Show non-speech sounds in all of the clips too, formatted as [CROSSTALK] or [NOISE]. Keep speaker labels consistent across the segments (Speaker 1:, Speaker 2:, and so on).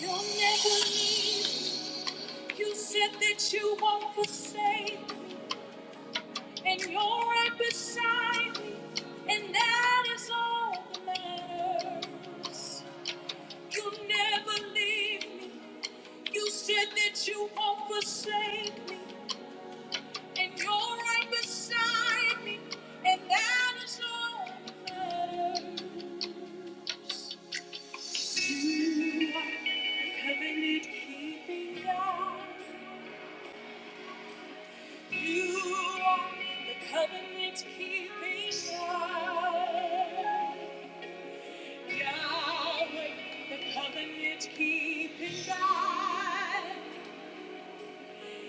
Speaker 1: You'll never leave. You said that you won't forsake, and you're right beside me, and that is all that matters. You'll never leave me. You said that you won't forsake me, and you're right beside me, and that is all that matters. You are the covenant keeping God. You are the covenant keeping God. Yahweh, the covenant keeping God.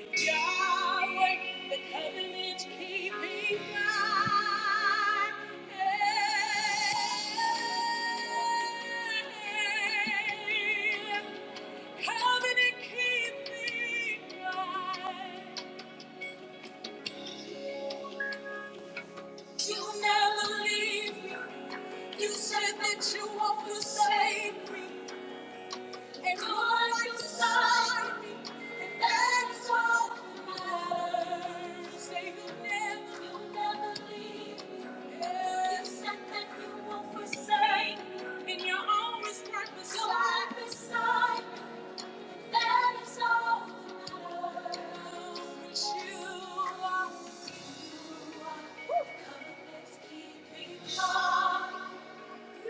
Speaker 1: Yahweh, the covenant keeping God. Hey, Covenant keeping God. You'll never leave me. You said that you want to save me and call me beside me, and that's all that matters. Say you'll never, you'll never leave me. You said that you won't forsake me, and you're always right beside, right beside me. That is all that matters. You are, you are covenant keeping God. We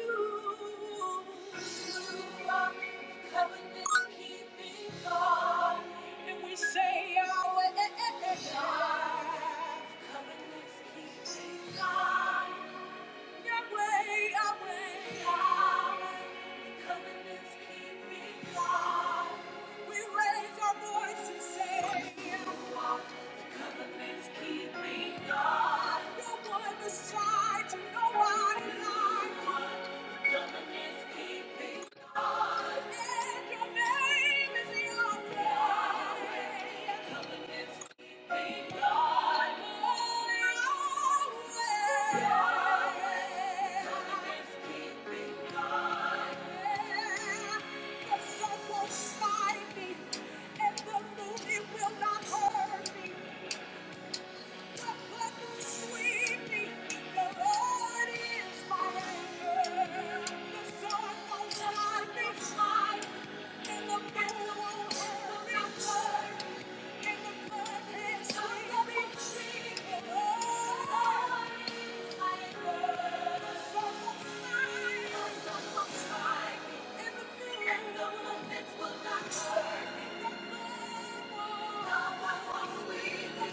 Speaker 1: raise our voice and say, Covenant's keeping God. No one beside you, nobody like you. The me and the movie Will not hurt me. Thank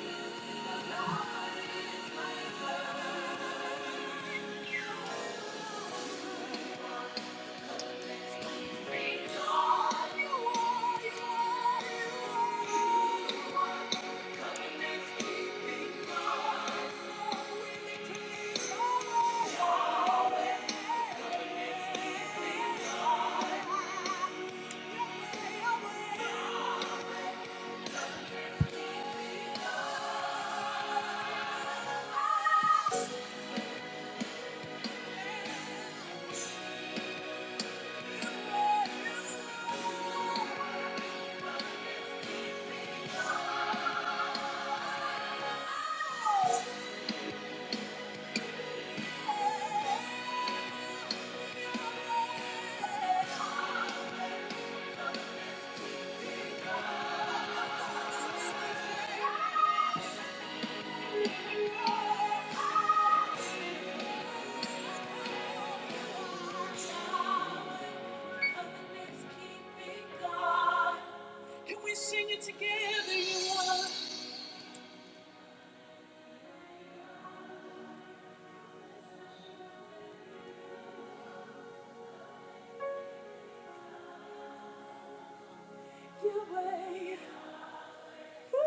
Speaker 1: you. Thank you. Can we sing it together? You are your way. Ooh,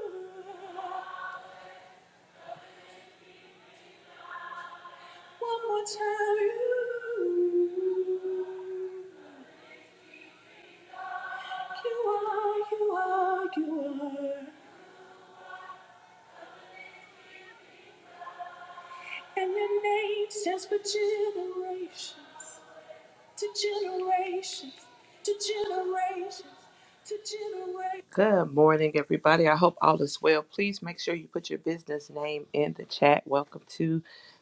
Speaker 1: ooh. One more time. You, you are, you are, you are. And your name stands for generations. to generations, to generations, to generations. Good morning, everybody. I hope all is well. Please make sure you put your business name in the chat. Welcome to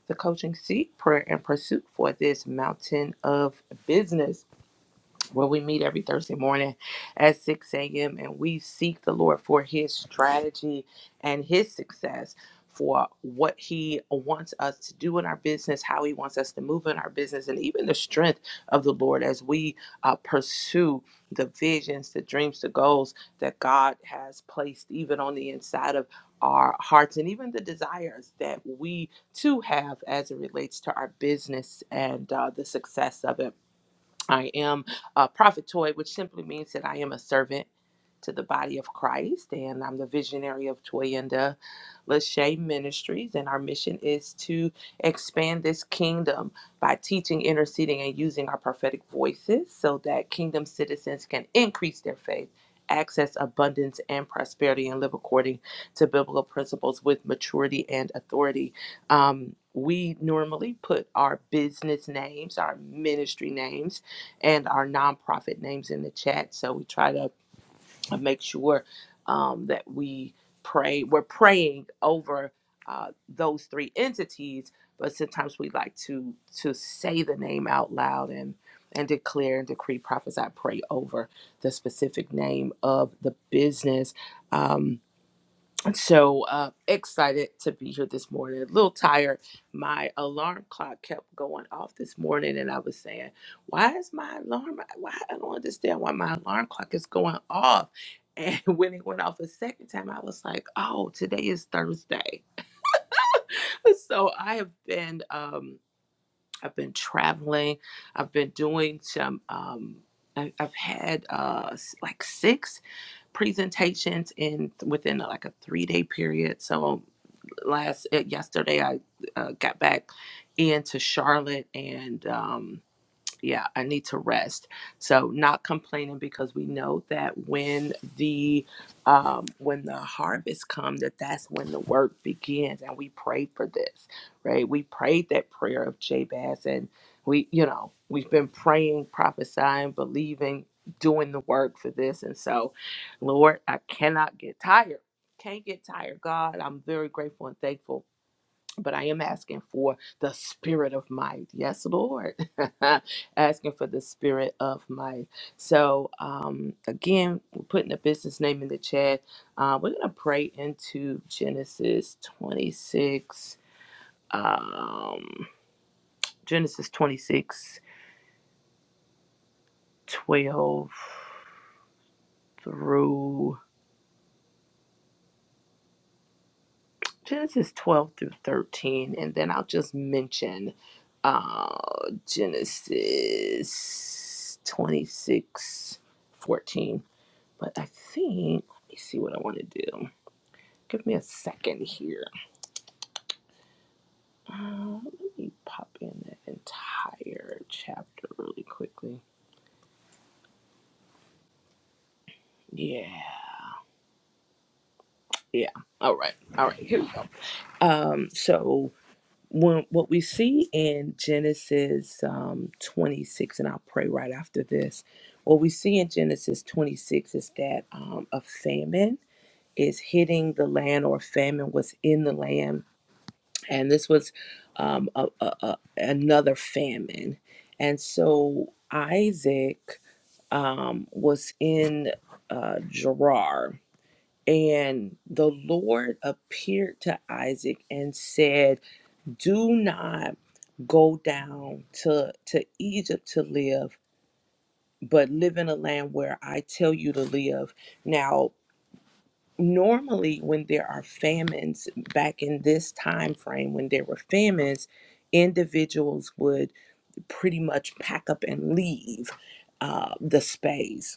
Speaker 1: the coaching seat, prayer and pursuit for this mountain of business where we meet every Thursday morning at 6 a.m. and we seek the Lord for his strategy and his success for what he wants us to do in our business, how he wants us to move in our business, and even the strength of the Lord as we uh, pursue the visions, the dreams, the goals that God has placed even on the inside of our hearts and even the desires that we too have as it relates to our business and uh, the success of it. I am a prophet toy, which simply means that I am a servant to the body of Christ, and I'm the visionary of Toyenda Lachey Ministries, and our mission is to expand this kingdom by teaching, interceding, and using our prophetic voices so that kingdom citizens can increase their faith, access abundance and prosperity, and live according to biblical principles with maturity and authority. Um, we normally put our business names, our ministry names, and our nonprofit names in the chat. So we try to and make sure um, that we pray. We're praying over uh, those three entities, but sometimes we like to to say the name out loud and and declare and decree, prophesy, pray over the specific name of the business. Um, so uh, excited to be here this morning. A little tired. My alarm clock kept going off this morning, and I was saying, "Why is my alarm? Why I don't understand why my alarm clock is going off." And [LAUGHS] when it went off a second time, I was like, "Oh, today is Thursday." [LAUGHS] So I have been, um, I've been traveling. I've been doing some. Um, I- I've had uh, s- like six presentations in within like a three day period. So last uh, yesterday. I uh, got back into Charlotte and. Um, yeah, I need to rest. So not complaining because we know that when the um, when the harvest comes, that that's when the work begins, and we prayed for this, right? We prayed that prayer of Jabez, and we, you know, we've been praying, prophesying, believing, doing the work for this, and so, Lord, I cannot get tired. Can't get tired, God. I'm very grateful and thankful but I am asking for the spirit of might. Yes, Lord. [LAUGHS] asking for the spirit of might. So, um, again, we're putting the business name in the chat. Uh, we're going to pray into Genesis 26, um, Genesis 26, 12 through. Genesis 12 through 13, and then I'll just mention uh, Genesis 26 14. But I think, let me see what I want to do. Give me a second here. Uh, let me pop in that entire chapter really quickly. Yeah. Yeah. All right. All right. Here we go. Um, so when what we see in Genesis um, 26, and I'll pray right after this. What we see in Genesis 26 is that um, a famine is hitting the land, or famine was in the land, and this was um, a, a, a, another famine. And so Isaac um, was in uh, Gerar, and the Lord appeared to Isaac and said, do not go down to to Egypt to live, but live in a land where I tell you to live. Now, normally when there are famines back in this time frame when there were famines, individuals would pretty much pack up and leave uh, the space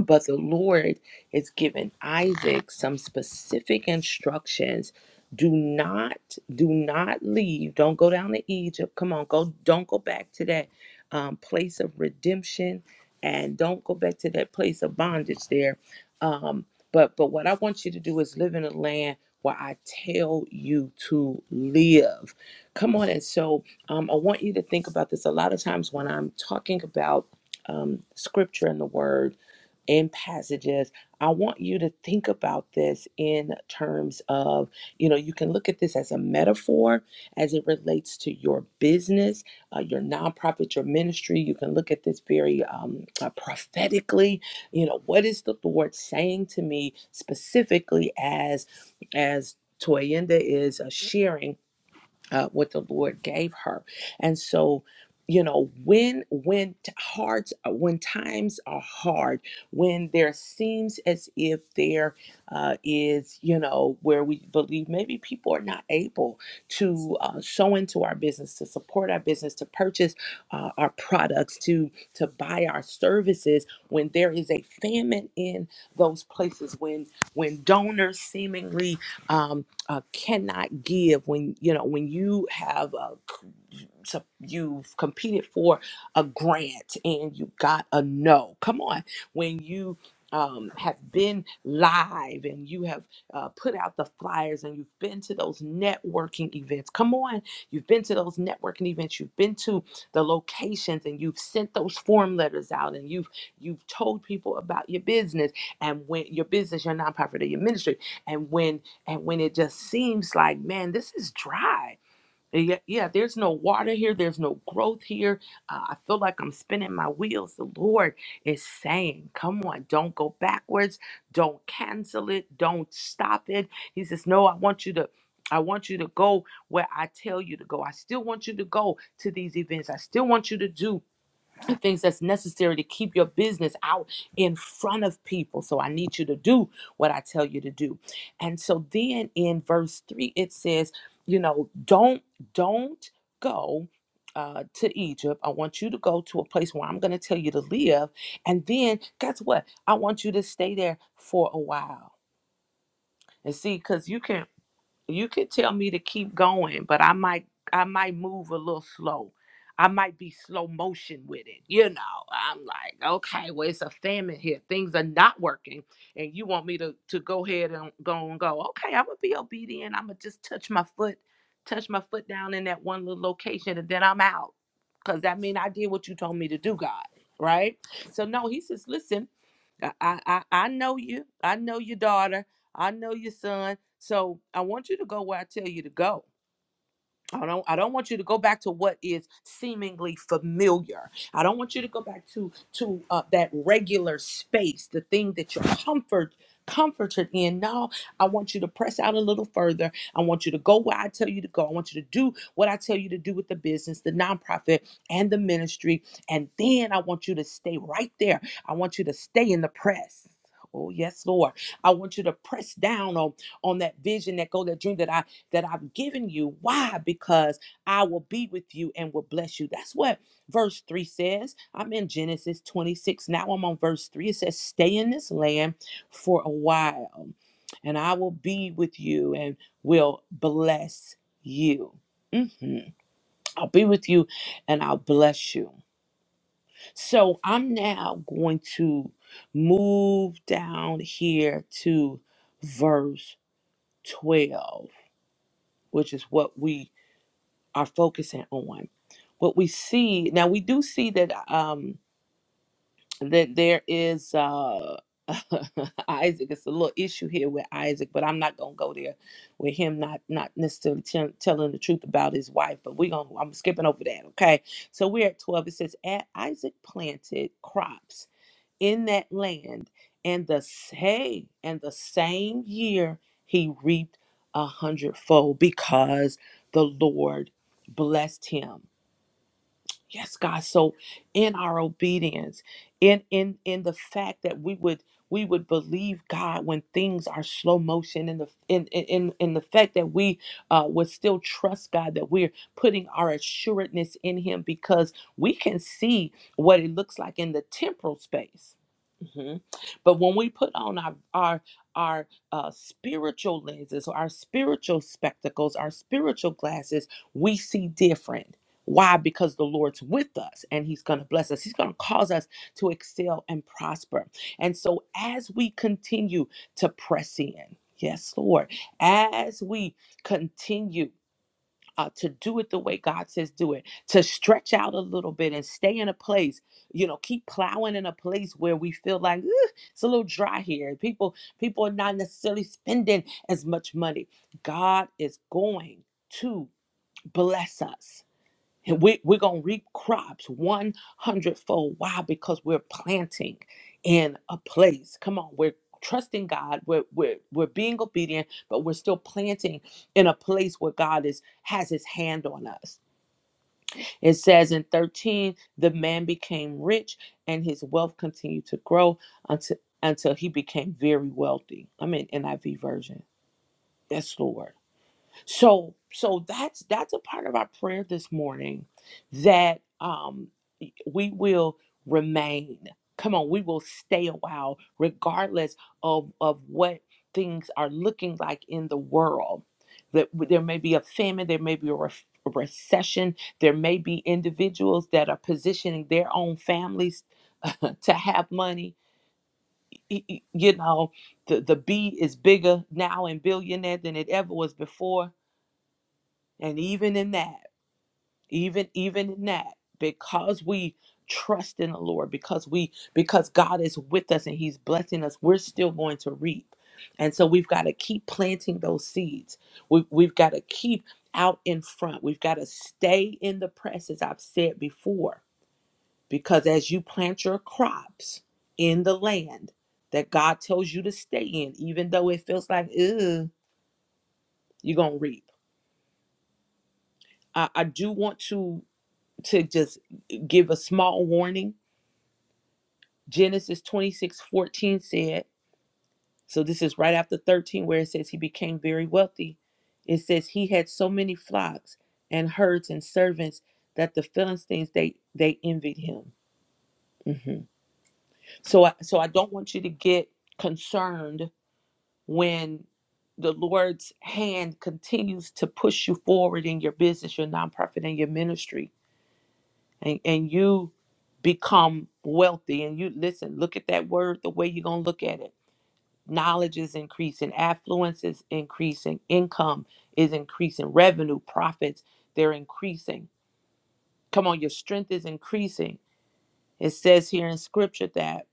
Speaker 1: [LAUGHS] But the Lord is giving Isaac some specific instructions. Do not, do not leave. Don't go down to Egypt. Come on, go. Don't go back to that um, place of redemption, and don't go back to that place of bondage there. Um, but, but what I want you to do is live in a land where I tell you to live. Come on, and so um, I want you to think about this. A lot of times when I'm talking about um, scripture and the word in passages. I want you to think about this in terms of, you know, you can look at this as a metaphor as it relates to your business, uh, your nonprofit, your ministry. You can look at this very um, uh, prophetically. You know, what is the Lord saying to me specifically as as Toyenda is uh, sharing? uh, what the Lord gave her. And so, you know, when when t- hard, when times are hard, when there seems as if there uh, is, you know, where we believe maybe people are not able to uh, sow into our business, to support our business, to purchase uh, our products, to to buy our services, when there is a famine in those places, when when donors seemingly um, uh, cannot give when you know when you have a sup- you've competed for a grant and you got a no. Come on, when you um, have been live and you have uh, put out the flyers and you've been to those networking events. Come on, you've been to those networking events. You've been to the locations and you've sent those form letters out and you've you've told people about your business and when your business, your nonprofit, or your ministry. And when and when it just seems like, man, this is dry yeah, yeah, there's no water here. There's no growth here. Uh, I feel like I'm spinning my wheels. The Lord is saying, Come on, don't go backwards. Don't cancel it. Don't stop it. He says, No, I want you to. I want you to go where I tell you to go. I still want you to go to these events. I still want you to do things that's necessary to keep your business out in front of people. So I need you to do what I tell you to do. And so then in verse 3 it says, you know, don't don't go uh, to Egypt. I want you to go to a place where I'm going to tell you to live. And then guess what? I want you to stay there for a while. And see, because you can you could tell me to keep going, but I might I might move a little slow. I might be slow motion with it. You know, I'm like, okay, well, it's a famine here. Things are not working. And you want me to, to go ahead and go and go. Okay, I'm gonna be obedient. I'm gonna just touch my foot, touch my foot down in that one little location, and then I'm out. Cause that means I did what you told me to do, God. Right? So no, he says, listen, I I I I know you. I know your daughter. I know your son. So I want you to go where I tell you to go. I don't I don't want you to go back to what is seemingly familiar. I don't want you to go back to to uh, that regular space, the thing that you're comfort comforted in. No, I want you to press out a little further. I want you to go where I tell you to go. I want you to do what I tell you to do with the business, the nonprofit and the ministry. And then I want you to stay right there. I want you to stay in the press. Oh yes, Lord. I want you to press down on on that vision, that goal, that dream that I that I've given you. Why? Because I will be with you and will bless you. That's what verse 3 says. I'm in Genesis 26. Now I'm on verse 3. It says, Stay in this land for a while, and I will be with you and will bless you. Mhm. I'll be with you and I'll bless you. So I'm now going to move down here to verse 12, which is what we are focusing on. What we see now, we do see that um, that there is uh, [LAUGHS] Isaac. It's a little issue here with Isaac, but I'm not gonna go there with him not not necessarily tell telling the truth about his wife. But we gonna I'm skipping over that. Okay, so we're at twelve. It says, "A- Isaac planted crops." in that land, and the hey, and the same year he reaped a hundredfold because the Lord blessed him. Yes, God. So in our obedience, in in in the fact that we would we would believe God when things are slow motion, in the in in in in the fact that we uh, would still trust God that we're putting our assuredness in Him because we can see what it looks like in the temporal space. Mhm. But when we put on our our our uh, spiritual lenses, our spiritual spectacles, our spiritual glasses, we see different why? Because the Lord's with us and He's going to bless us. He's going to cause us to excel and prosper. And so, as we continue to press in, yes, Lord, as we continue uh, to do it the way God says do it, to stretch out a little bit and stay in a place, you know, keep plowing in a place where we feel like "Ugh, it's a little dry here. People, people are not necessarily spending as much money. God is going to bless us. And we, we're going to reap crops 100 fold. Why? Because we're planting in a place. Come on, we're trusting God. We're, we're, we're being obedient, but we're still planting in a place where God is has his hand on us. It says in 13, the man became rich and his wealth continued to grow until, until he became very wealthy. I'm in NIV version. Yes, Lord. So so that's that's a part of our prayer this morning that um we will remain. Come on, we will stay a while, regardless of, of what things are looking like in the world. That there may be a famine, there may be a, ref- a recession, there may be individuals that are positioning their own families [LAUGHS] to have money. Y- y- You know, the, the B is bigger now in billionaire than it ever was before. And even in that even even in that because we trust in the lord because we because god is with us and he's blessing us we're still going to reap and so we've got to keep planting those seeds we, have we've got to keep out in front we've got to stay in the press as i've said before because as you plant your crops in the land that god tells you to stay in even though it feels like Ugh, you're gonna reap I, I do want to to just give a small warning Genesis 26 14 said, so this is right after 13, where it says he became very wealthy. It says he had so many flocks and herds and servants that the Philistines they they envied him. Mhm. So I, so I don't want you to get concerned when the Lord's hand continues to push you forward in your business, your nonprofit, and your ministry, and and you become wealthy. And you listen, look at that word the way you're gonna look at it knowledge is increasing, affluence is increasing, income is increasing, revenue, profits, they're increasing. Come on, your strength is increasing. It says here in scripture that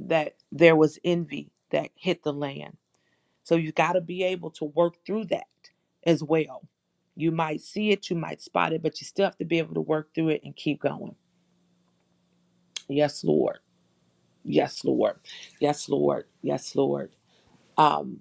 Speaker 1: that there was envy that hit the land. So you got to be able to work through that as well. You might see it, you might spot it, but you still have to be able to work through it and keep going. Yes, Lord. Yes, Lord. Yes, Lord. Yes, Lord. Um,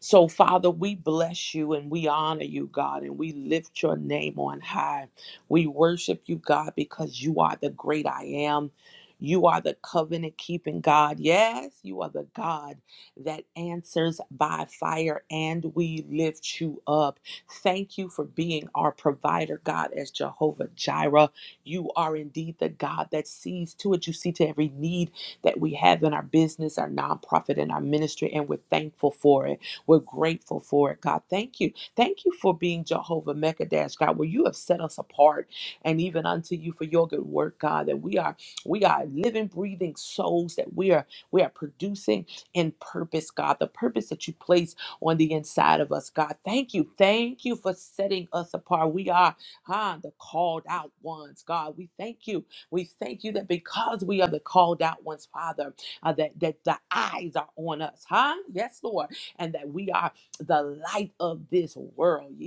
Speaker 1: So, Father, we bless you and we honor you, God, and we lift your name on high. We worship you, God, because you are the great I am. You are the covenant keeping God. Yes, you are the God that answers by fire, and we lift you up. Thank you for being our provider, God, as Jehovah Jireh. You are indeed the God that sees to it. You see to every need that we have in our business, our nonprofit, and our ministry, and we're thankful for it. We're grateful for it, God. Thank you. Thank you for being Jehovah Mekadesh, God, where you have set us apart and even unto you for your good work, God, that we are we are living, breathing souls, that we are we are producing in purpose, God, the purpose that you place on the inside of us, God. Thank you. Thank you for setting us apart. We are ah, the called out ones, God. We thank you. We thank you that because we are the called out ones, Father, uh, that, that the eyes are on us, huh? Yes, Lord and that we are the light of this world.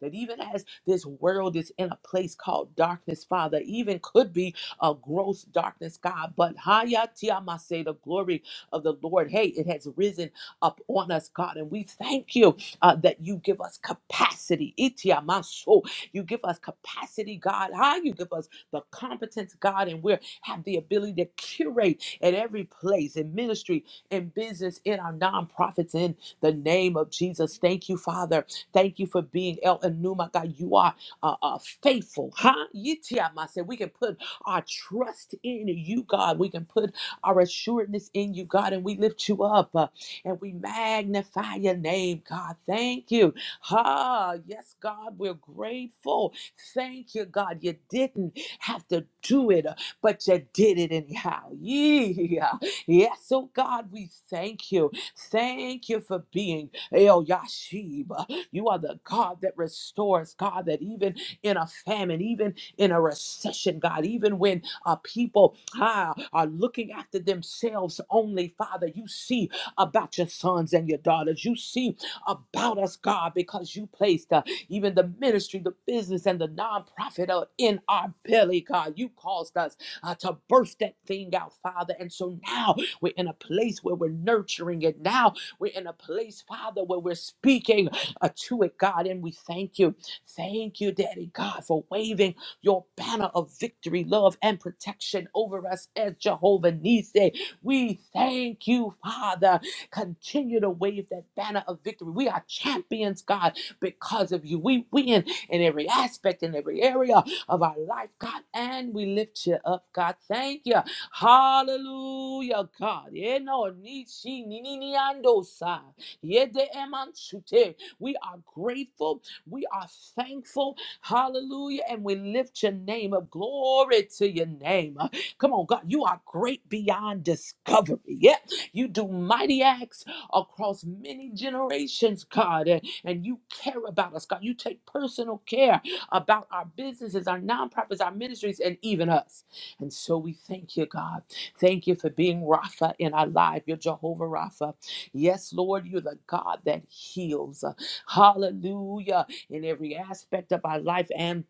Speaker 1: That even as this world is in a place called darkness, Father, even could be a gross darkness, God, but hayatiamase, the glory of the Lord, hey, it has risen up on us, God, and we thank you uh, that you give us capacity. Itiamaso, You give us capacity, God. How you give us the competence, God, and we have the ability to curate at every place, in ministry, in business, in our nonprofits, in the name of Jesus. Thank you, Father. Thank you for being El Enuma. God, you are uh, uh, faithful, huh? Yitiama said We can put our trust in you, God. We can put our assuredness in you, God, and we lift you up uh, and we magnify your name, God. Thank you. Ah, yes, God, we're grateful. Thank you, God. You didn't have to do it. uh, but you did it anyhow. Yeah. Yes, oh God, we thank you. Thank you for being El Yashib. You are the God that restores, God, that even in a famine, even in a recession, God, even when uh, people ah, are looking after themselves only, Father, you see about your sons and your daughters. You see about us, God, because you placed uh, even the ministry, the business, and the nonprofit uh, in our belly, God. You caused us uh, to birth that thing out, Father. And so now we're in a place where we're nurturing it. Now we're in a place, Father, where we're speaking uh, to it, God. And we thank you. Thank you, Daddy God, for waving your banner of victory, love, and protection over us as Jehovah Nisei. We thank you, Father. Continue to wave that banner of victory. We are champions, God, because of you. We win in every aspect, in every area of our life, God, and we lift you up, God. Thank you. Hallelujah, God. Yeah, no, ni- she- ni- ni- ni- ando sa. Yeah, de- em- shute. We are grateful. We are thankful. Hallelujah. And we lift your name up. Glory to your name. Uh, Come on, God. You are great beyond discovery. Yeah. You do mighty acts across many generations, God. And, and you care about us, God. You take personal care about our businesses, our nonprofits, our ministries, and even us. And so we thank you, God. Thank you for being Rapha in our life. You're Jehovah Rapha. Yes, Lord, you're the God that heals. Hallelujah. In every aspect of our life and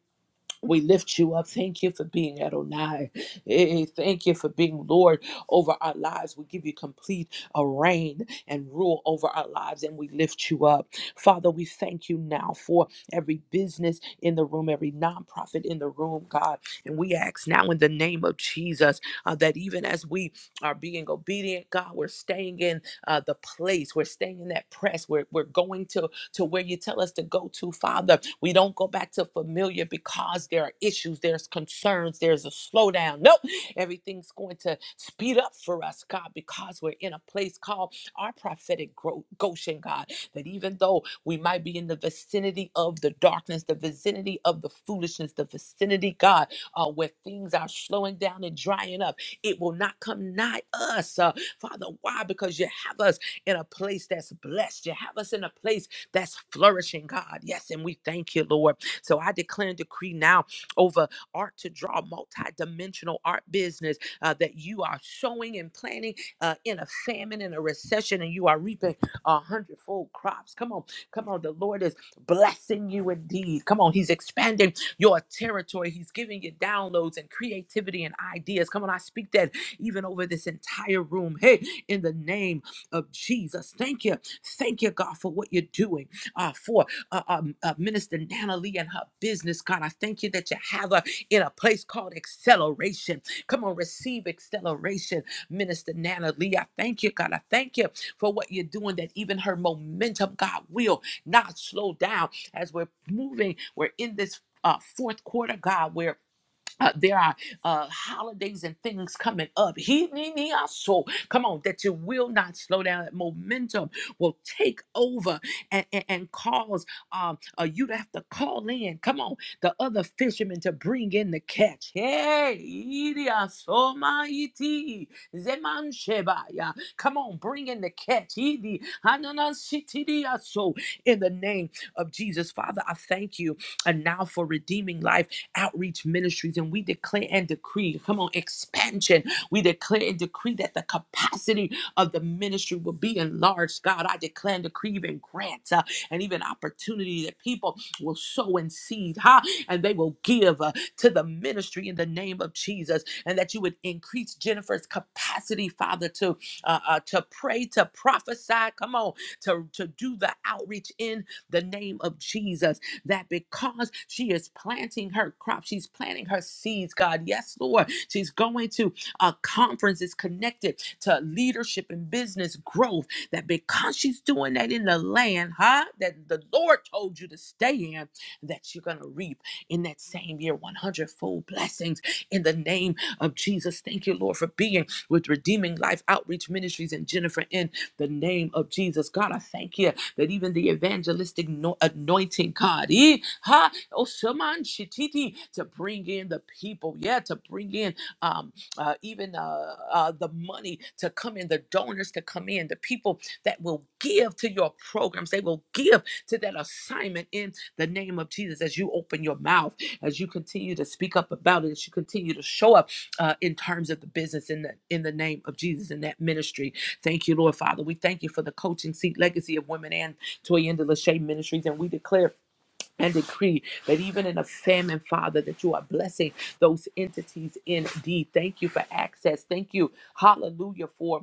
Speaker 1: we lift you up. Thank you for being Adonai. Eh, Thank you for being Lord over our lives. We give you complete uh, reign and rule over our lives, and we lift you up. Father, we thank you now for every business in the room, every nonprofit in the room, God. And we ask now in the name of Jesus uh, that even as we are being obedient, God, we're staying in uh, the place, we're staying in that press, we're, we're going to to where you tell us to go to, Father. We don't go back to familiar because there are issues, there's concerns, there's a slowdown. Nope. Everything's going to speed up for us, God, because we're in a place called our prophetic gro- Goshen, God. That even though we might be in the vicinity of the darkness, the vicinity of the foolishness, the vicinity, God, uh, where things are slowing down and drying up, it will not come nigh us. Uh, Father, why? Because you have us in a place that's blessed. You have us in a place that's flourishing, God. Yes, and we thank you, Lord. So I declare and decree now over art to draw multi-dimensional art business uh, that you are sowing and planting uh, in a famine and a recession and you are reaping a hundredfold crops come on come on the lord is blessing you indeed come on he's expanding your territory he's giving you downloads and creativity and ideas come on i speak that even over this entire room hey in the name of jesus thank you Thank you, God, for what you're doing uh, for uh, um, uh, Minister Nana Lee and her business, God. I thank you that you have her in a place called acceleration. Come on, receive acceleration, Minister Nana Lee. I thank you, God. I thank you for what you're doing, that even her momentum, God, will not slow down as we're moving. We're in this. Uh, fourth quarter, God, where uh, there are uh, holidays and things coming up. He, ni, ni, ah, so come on, that you will not slow down. That momentum will take over and, and, and cause um, uh, you to have to call in. Come on, the other fishermen to bring in the catch. Hey, iri, ah, so, ma, iti, zeman, sheba, ya. come on, bring in the catch. Iri, hanana, sitiri, ah, So, in the name of Jesus, Father, I thank you and now for redeeming life outreach ministries and we declare and decree, come on, expansion. We declare and decree that the capacity of the ministry will be enlarged. God, I declare and decree even grants uh, and even opportunity that people will sow and seed, huh? And they will give uh, to the ministry in the name of Jesus, and that you would increase Jennifer's capacity, Father, to uh, uh, to pray, to prophesy. Come on, to to do the outreach in the name of Jesus that because she is planting her crop, she's planting her seeds, God. Yes, Lord. She's going to a conference that's connected to leadership and business growth. That because she's doing that in the land, huh? That the Lord told you to stay in, that you're gonna reap in that same year 100 fold blessings in the name of Jesus. Thank you, Lord, for being with Redeeming Life Outreach Ministries and Jennifer in the name of Jesus. God, I thank you that even the evangelistic no- anointing, God, eh, ha, oh, shaman shititi, to bring in the people, yeah, to bring in um, uh, even uh, uh, the money to come in, the donors to come in, the people that will give to your programs, they will give to that assignment in the name of Jesus as you open your mouth, as you continue to speak up about it, as you continue to show up uh, in terms of the business in the in the name of Jesus in that ministry. Thank you, Lord Father. We thank you for the coaching seat legacy of women and Toyenda Lachey Ministries. And we declare and decree that even in a famine, Father, that you are blessing those entities indeed. Thank you for access. Thank you, hallelujah, for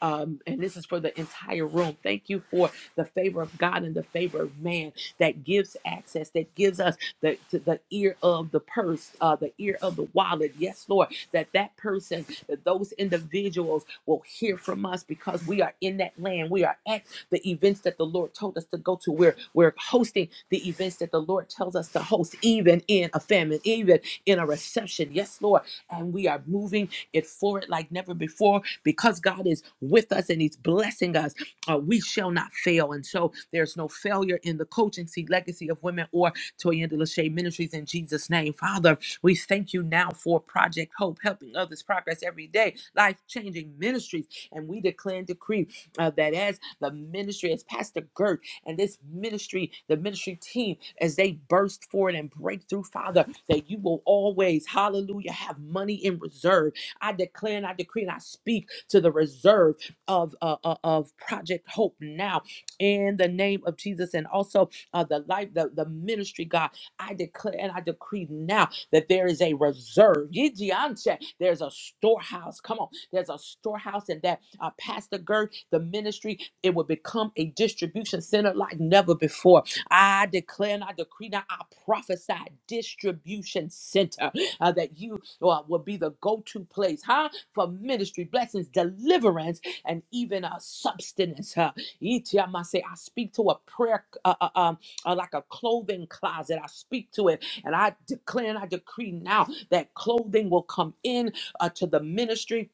Speaker 1: um, and this is for the entire room. Thank you for the favor of God and the favor of man that gives access, that gives us the, to the ear of the purse, uh, the ear of the wallet. Yes, Lord, that that person, that those individuals will hear from us because we are in that land. We are at the events that the Lord told us to go to. We're, we're hosting the events that the Lord tells us to host, even in a famine, even in a reception. Yes, Lord. And we are moving it forward like never before because God is with us and He's blessing us. Uh, we shall not fail. And so there's no failure in the coaching seat legacy of women or Toyanda Lachey Ministries in Jesus' name. Father, we thank you now for Project Hope, helping others progress every day, life changing ministries. And we declare and decree uh, that as the ministry, as Pastor Gert and this ministry, the ministry team, as they burst forward and break through, Father, that you will always, hallelujah, have money in reserve I declare and I decree and I speak to the reserve of uh, uh, of Project Hope now in the name of Jesus, and also uh, the life, the, the ministry, God. I declare and I decree now that there is a reserve. Yijianche, There's a storehouse. Come on, there's a storehouse, and that uh, Pastor Gert, the ministry, it will become a distribution center like never before. I declare and I decree now, I prophesy distribution center uh, that you or will be the go-to place, huh? For ministry, blessings, deliverance, and even a substance. Huh? Iti, I must say, I speak to a prayer, uh, uh, um, uh, like a clothing closet. I speak to it, and I declare and I decree now that clothing will come in uh, to the ministry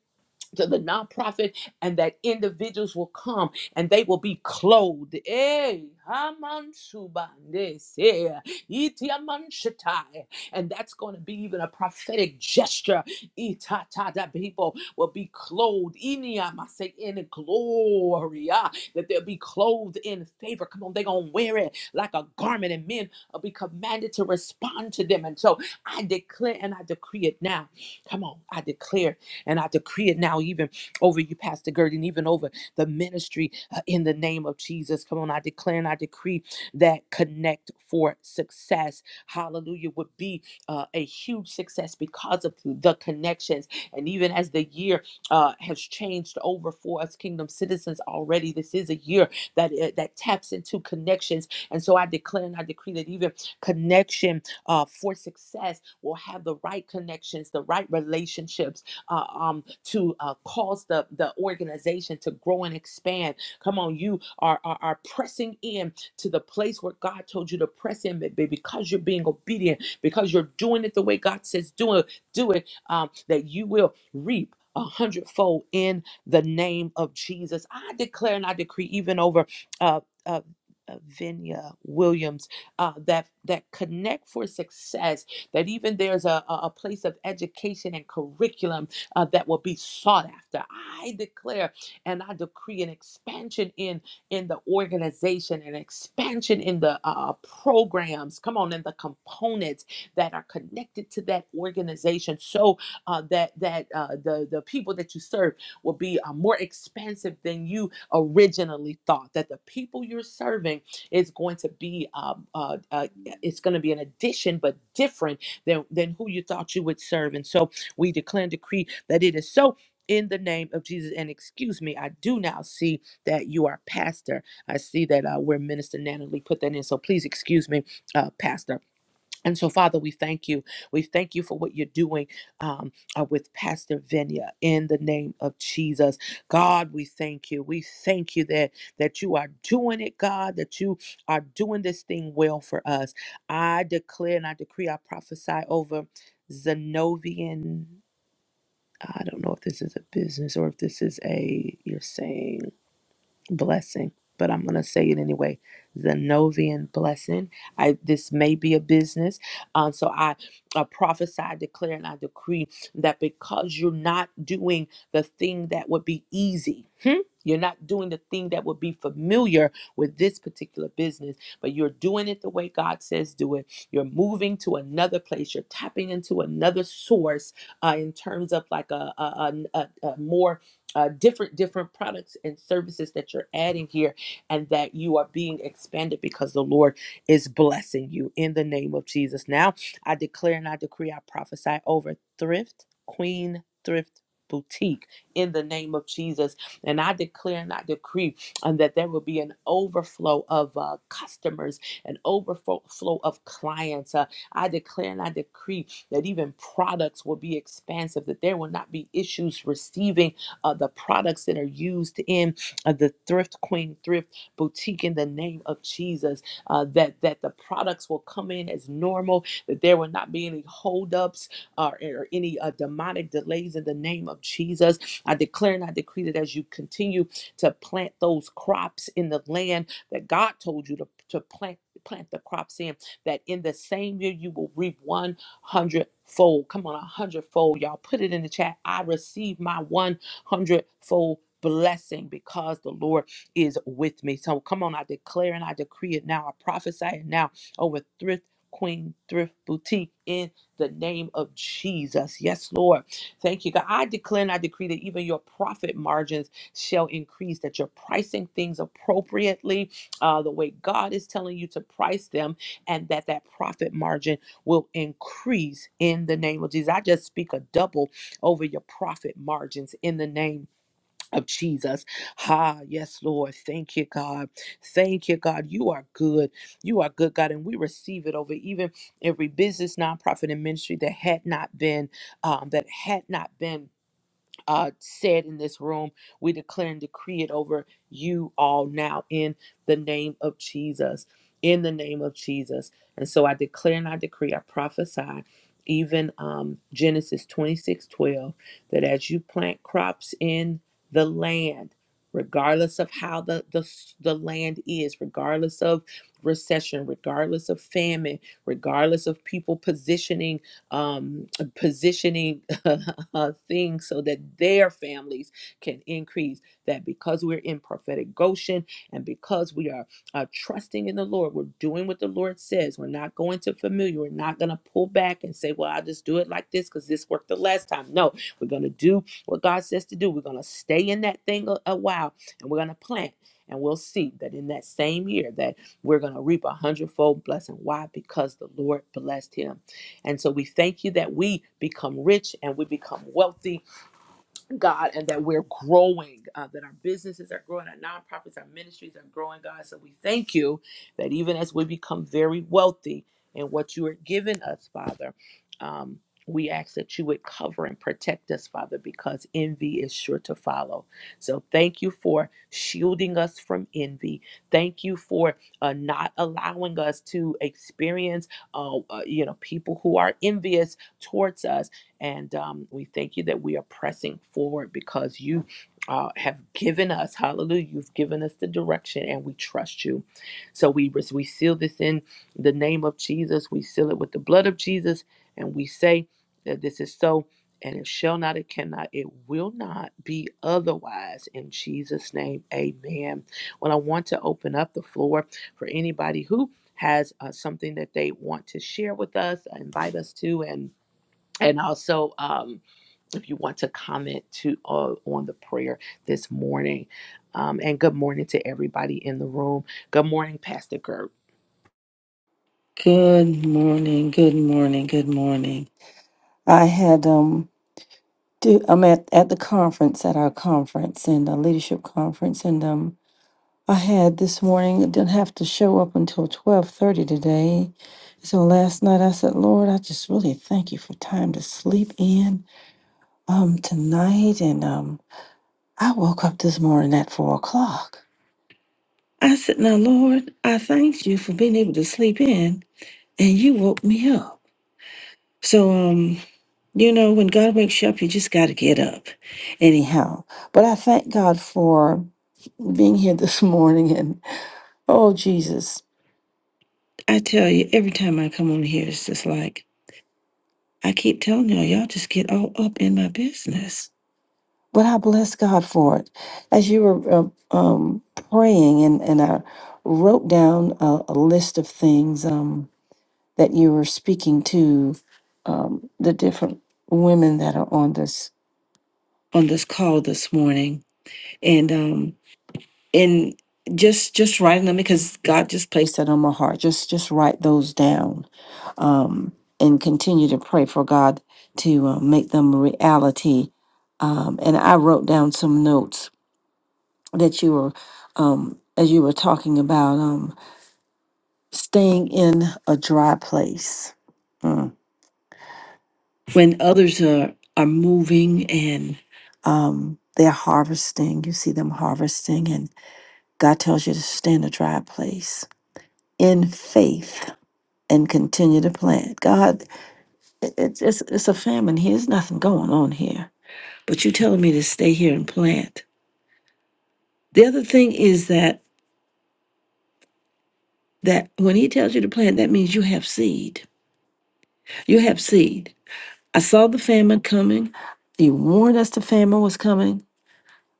Speaker 1: to the nonprofit and that individuals will come and they will be clothed. Eh, hamansubandes, eh, itiamanshatai. And that's going to be even a prophetic gesture. Itata, That people will be clothed iniamase, in glory. ah, That they'll be clothed in favor. Come on, they're going to wear it like a garment, and men will be commanded to respond to them. And so I declare and I decree it now. Come on, I declare and I decree it now, even over you, Pastor Gert, and even over the ministry uh, in the name of Jesus. Come on, I declare and I decree that Connect for Success, hallelujah, would be uh, a huge success because of the connections. And even as the year uh, has changed over for us, kingdom citizens already, this is a year that, uh, that taps into connections. And so I declare and I decree that even connection uh, for success will have the right connections, the right relationships uh, um, to uh, cause the, the organization to grow and expand. Come on, you are, are, are pressing in to the place where God told you to press in baby, because you're being obedient, because you're doing it the way God says do it, do it, um, that you will reap. A hundredfold in the name of Jesus. I declare and I decree, even over uh, uh, uh, Vinya Williams, uh, that that connect for success. That even there's a, a a place of education and curriculum uh, that will be sought after. I declare and I decree an expansion in in the organization, an expansion in the uh, programs. Come on, and the components that are connected to that organization, so uh, that that uh, the the people that you serve will be uh, more expansive than you originally thought. That the people you're serving is going to be uh, uh, uh, it's going to be an addition, but different than than who you thought you would serve. And so we declare and decree that it is so in the name of Jesus. And excuse me, I do now see that you are pastor. I see that uh, where Minister Natalie put that in. So please excuse me, uh, pastor. And so, Father, we thank you. We thank you for what you're doing um, uh, with Pastor Venya in the name of Jesus. God, we thank you. We thank you that that you are doing it, God, that you are doing this thing well for us. I declare and I decree, I prophesy over Zenovian. I don't know if this is a business or if this is a you're saying blessing, but I'm going to say it anyway. Zenovian blessing. I this may be a business, um, so I I prophesy, I declare, and I decree that because you're not doing the thing that would be easy, hmm? you're not doing the thing that would be familiar with this particular business, but you're doing it the way God says do it. You're moving to another place. You're tapping into another source uh, in terms of like a, a, a, a a more uh, different different products and services that you're adding here and that you are being expanded because the lord is blessing you in the name of jesus now i declare and i decree i prophesy over thrift queen thrift boutique in the name of jesus and i declare and i decree um, that there will be an overflow of uh, customers an overflow flow of clients uh, i declare and i decree that even products will be expansive that there will not be issues receiving uh, the products that are used in uh, the Thrift Queen Thrift Boutique in the name of Jesus. Uh, that that the products will come in as normal. That there will not be any holdups uh, or any uh, demonic delays in the name of Jesus. I declare and I decree that as you continue to plant those crops in the land that God told you to to plant plant the crops in that in the same year you will reap 100 fold come on a hundred fold y'all put it in the chat i receive my one hundredfold blessing because the Lord is with me. So come on, I declare and I decree it now. I prophesy it now over Thrift Queen Thrift Boutique in the name of Jesus. Yes, Lord. Thank you, God. I declare and I decree that even your profit margins shall increase, that you're pricing things appropriately, uh, the way God is telling you to price them, and that that profit margin will increase in the name of Jesus. I just speak a double over your profit margins in the name of Jesus. Ha, yes, Lord. Thank you, God. Thank you, God. You are good. You are good, God. And we receive it over even every business, nonprofit, and ministry that had not been, um, that had not been uh, said in this room. We declare and decree it over you all now in the name of Jesus. In the name of Jesus. And so I declare and I decree, I prophesy, even um, Genesis 26 12, that as you plant crops in the land, regardless of how the, the, the land is, regardless of recession, regardless of famine, regardless of people positioning, um, positioning [LAUGHS] uh, things so that their families can increase. That because we're in prophetic Goshen and because we are uh, trusting in the Lord, we're doing what the Lord says. We're not going to familiar. We're not going to pull back and say, well, I'll just do it like this because this worked the last time. No, we're going to do what God says to do. We're going to stay in that thing a, a while and we're going to plant. And we'll see that in that same year that we're going to reap a hundredfold blessing. Why? Because the Lord blessed him. And so we thank you that we become rich and we become wealthy God, and that we're growing, uh, that our businesses are growing, our nonprofits, our ministries are growing, God. So we thank you that even as we become very wealthy in what you are giving us, Father, um, we ask that you would cover and protect us, Father, because envy is sure to follow. So thank you for shielding us from envy. Thank you for uh, not allowing us to experience, uh, uh, you know, people who are envious towards us and um, we thank you that we are pressing forward because you uh, have given us, hallelujah, you've given us the direction and we trust you. So we, we seal this in the name of Jesus. We seal it with the blood of Jesus. And we say that this is so and it shall not, it cannot, it will not be otherwise. In Jesus' name, amen. Well, I want to open up the floor for anybody who has uh, something that they want to share with us, invite us to, and and also, um, if you want to comment to uh, on the prayer this morning, um, and good morning to everybody in the room. Good morning, Pastor Gert.
Speaker 2: Good morning, good morning, good morning. I had um do I'm at, at the conference at our conference and a leadership conference and um I had this morning I didn't have to show up until twelve thirty today. So last night I said, Lord, I just really thank you for time to sleep in um tonight and um I woke up this morning at four o'clock. I said, Now Lord, I thank you for being able to sleep in and you woke me up. So um You know, when God wakes you up, you just got to get up. Anyhow, but I thank God for being here this [LAUGHS] morning. And oh, Jesus, I tell you, every time I come on here, it's just like, I keep telling y'all, y'all just get all up in my business. But I bless God for it. As you were uh, um, praying, and, and I wrote down a, a list of things um, that you were speaking to um, the different women that are on this. on this call this morning and um and just just writing them because god just placed that on my heart just just write those down um and continue to pray for god to uh, make them a reality um and i wrote down some notes that you were um as you were talking about um staying in a dry place Mm. when others are are moving and um they're harvesting you see them harvesting and. God tells you to stand a dry place in faith and continue to plant. God, it- it's, it's, it's a famine here. There's nothing going on here. But you're telling me to stay here and plant. The other thing is that that when he tells you to plant, that means you have seed. You have seed. I saw the famine coming. He warned us the famine was coming,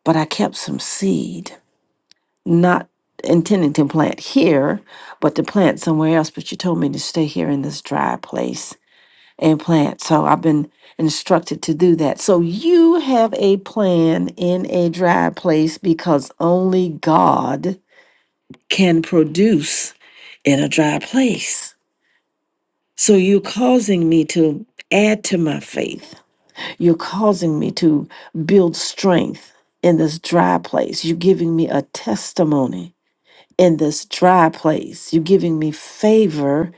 Speaker 2: but I kept some seed, not intending to plant here, but to plant somewhere else. But you told me to stay here in this dry place and plant. So I've been instructed to do that. So you have a plan in a dry place because only God can produce in a dry place. So you're causing me to add to my faith. You're causing me to build strength in this dry place. You're giving me a testimony in this dry place. You're giving me favor,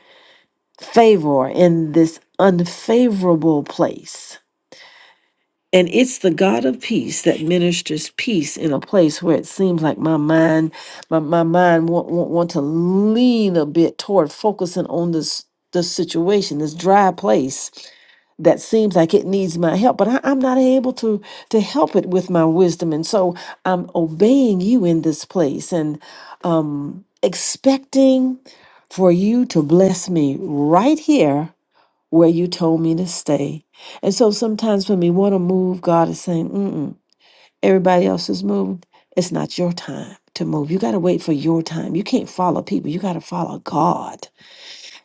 Speaker 2: favor in this unfavorable place And it's the God of peace that ministers peace in a place where it seems like my mind, my, my mind want, want, want to lean a bit toward focusing on this this situation, this dry place that seems like it needs my help, but I, I'm not able to to help it with my wisdom. And so I'm obeying you in this place and um expecting for you to bless me right here where you told me to stay. And so sometimes when we want to move, God is saying, Mm-mm, everybody else is moving; It's not your time to move. You got to wait for your time. You can't follow people, you got to follow God.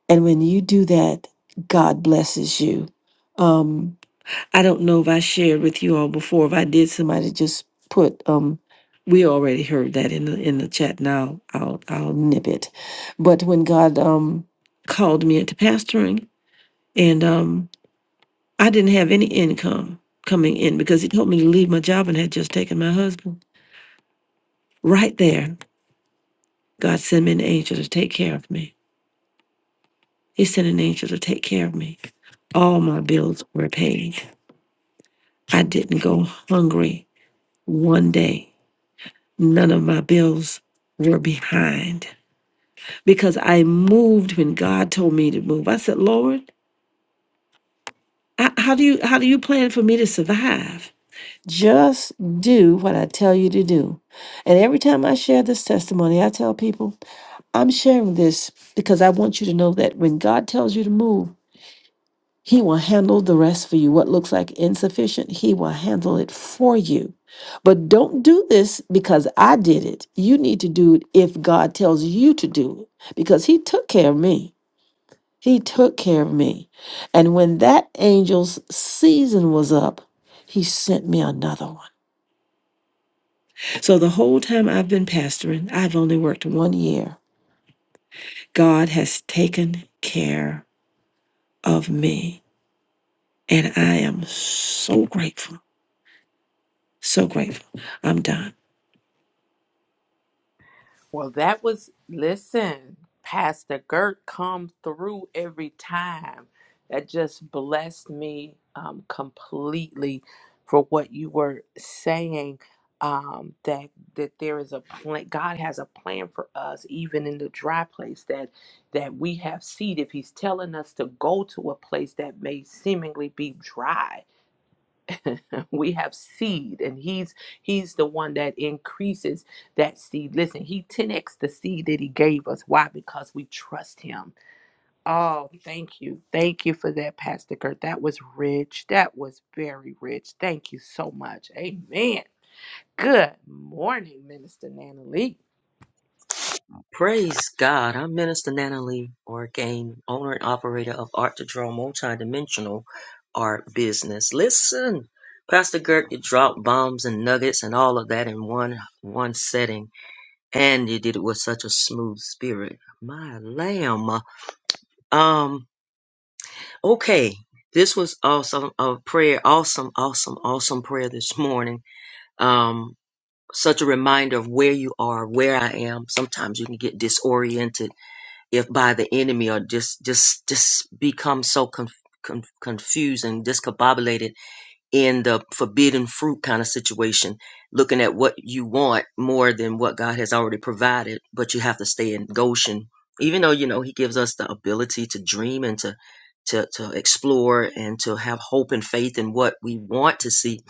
Speaker 2: And when you do that, God blesses you. Um, I don't know if I shared with you all before. If I did, somebody just put, um, we already heard that in the in the chat. Now I'll I'll nip it. But when God um, called me into pastoring, and um, I didn't have any income coming in because he told me to leave my job and had just taken my husband. Right there, God sent me an angel to take care of me. He sent an angel to take care of me. All my bills were paid. I didn't go hungry one day. None of my bills were behind because I moved when God told me to move. I said, Lord, I, how do you how do you plan for me to survive? Just do what I tell you to do. And every time I share this testimony, I tell people, I'm sharing this because I want you to know that when God tells you to move, He will handle the rest for you. What looks like insufficient, He will handle it for you. But don't do this because I did it. You need to do it if God tells you to do it because He took care of me. He took care of me. And when that angel's season was up, He sent me another one. So the whole time I've been pastoring, I've only worked one year. God has taken care of me, and I am so grateful. So grateful. I'm done.
Speaker 1: Well, that was, listen, Pastor Gert come through every time. That just blessed me um, completely for what you were saying. Um, that that there is a plan. God has a plan for us, even in the dry place that that we have seed. If He's telling us to go to a place that may seemingly be dry, [LAUGHS] we have seed and he's he's the one that increases that seed listen he 10x the seed that he gave us why because we trust him oh thank you thank you for that pastor kurt that was rich that was very rich thank you so much amen good morning minister nana Lee.
Speaker 3: Praise God. I'm Minister Nana Lee Orgain, owner and operator of Art to Draw Multidimensional Art Business. Listen, Pastor Gert, you dropped bombs and nuggets and all of that in one one setting. And you did it with such a smooth spirit. My lamb. Um, okay. This was awesome a prayer, awesome, awesome, awesome prayer this morning. Um, such a reminder of where you are, where I am. Sometimes you can get disoriented if by the enemy or just just just become so conf- conf- confused and discombobulated in the forbidden fruit kind of situation, looking at what you want more than what God has already provided, but you have to stay in Goshen. Even though, you know, he gives us the ability to dream and to to, to explore and to have hope and faith in what we want to see.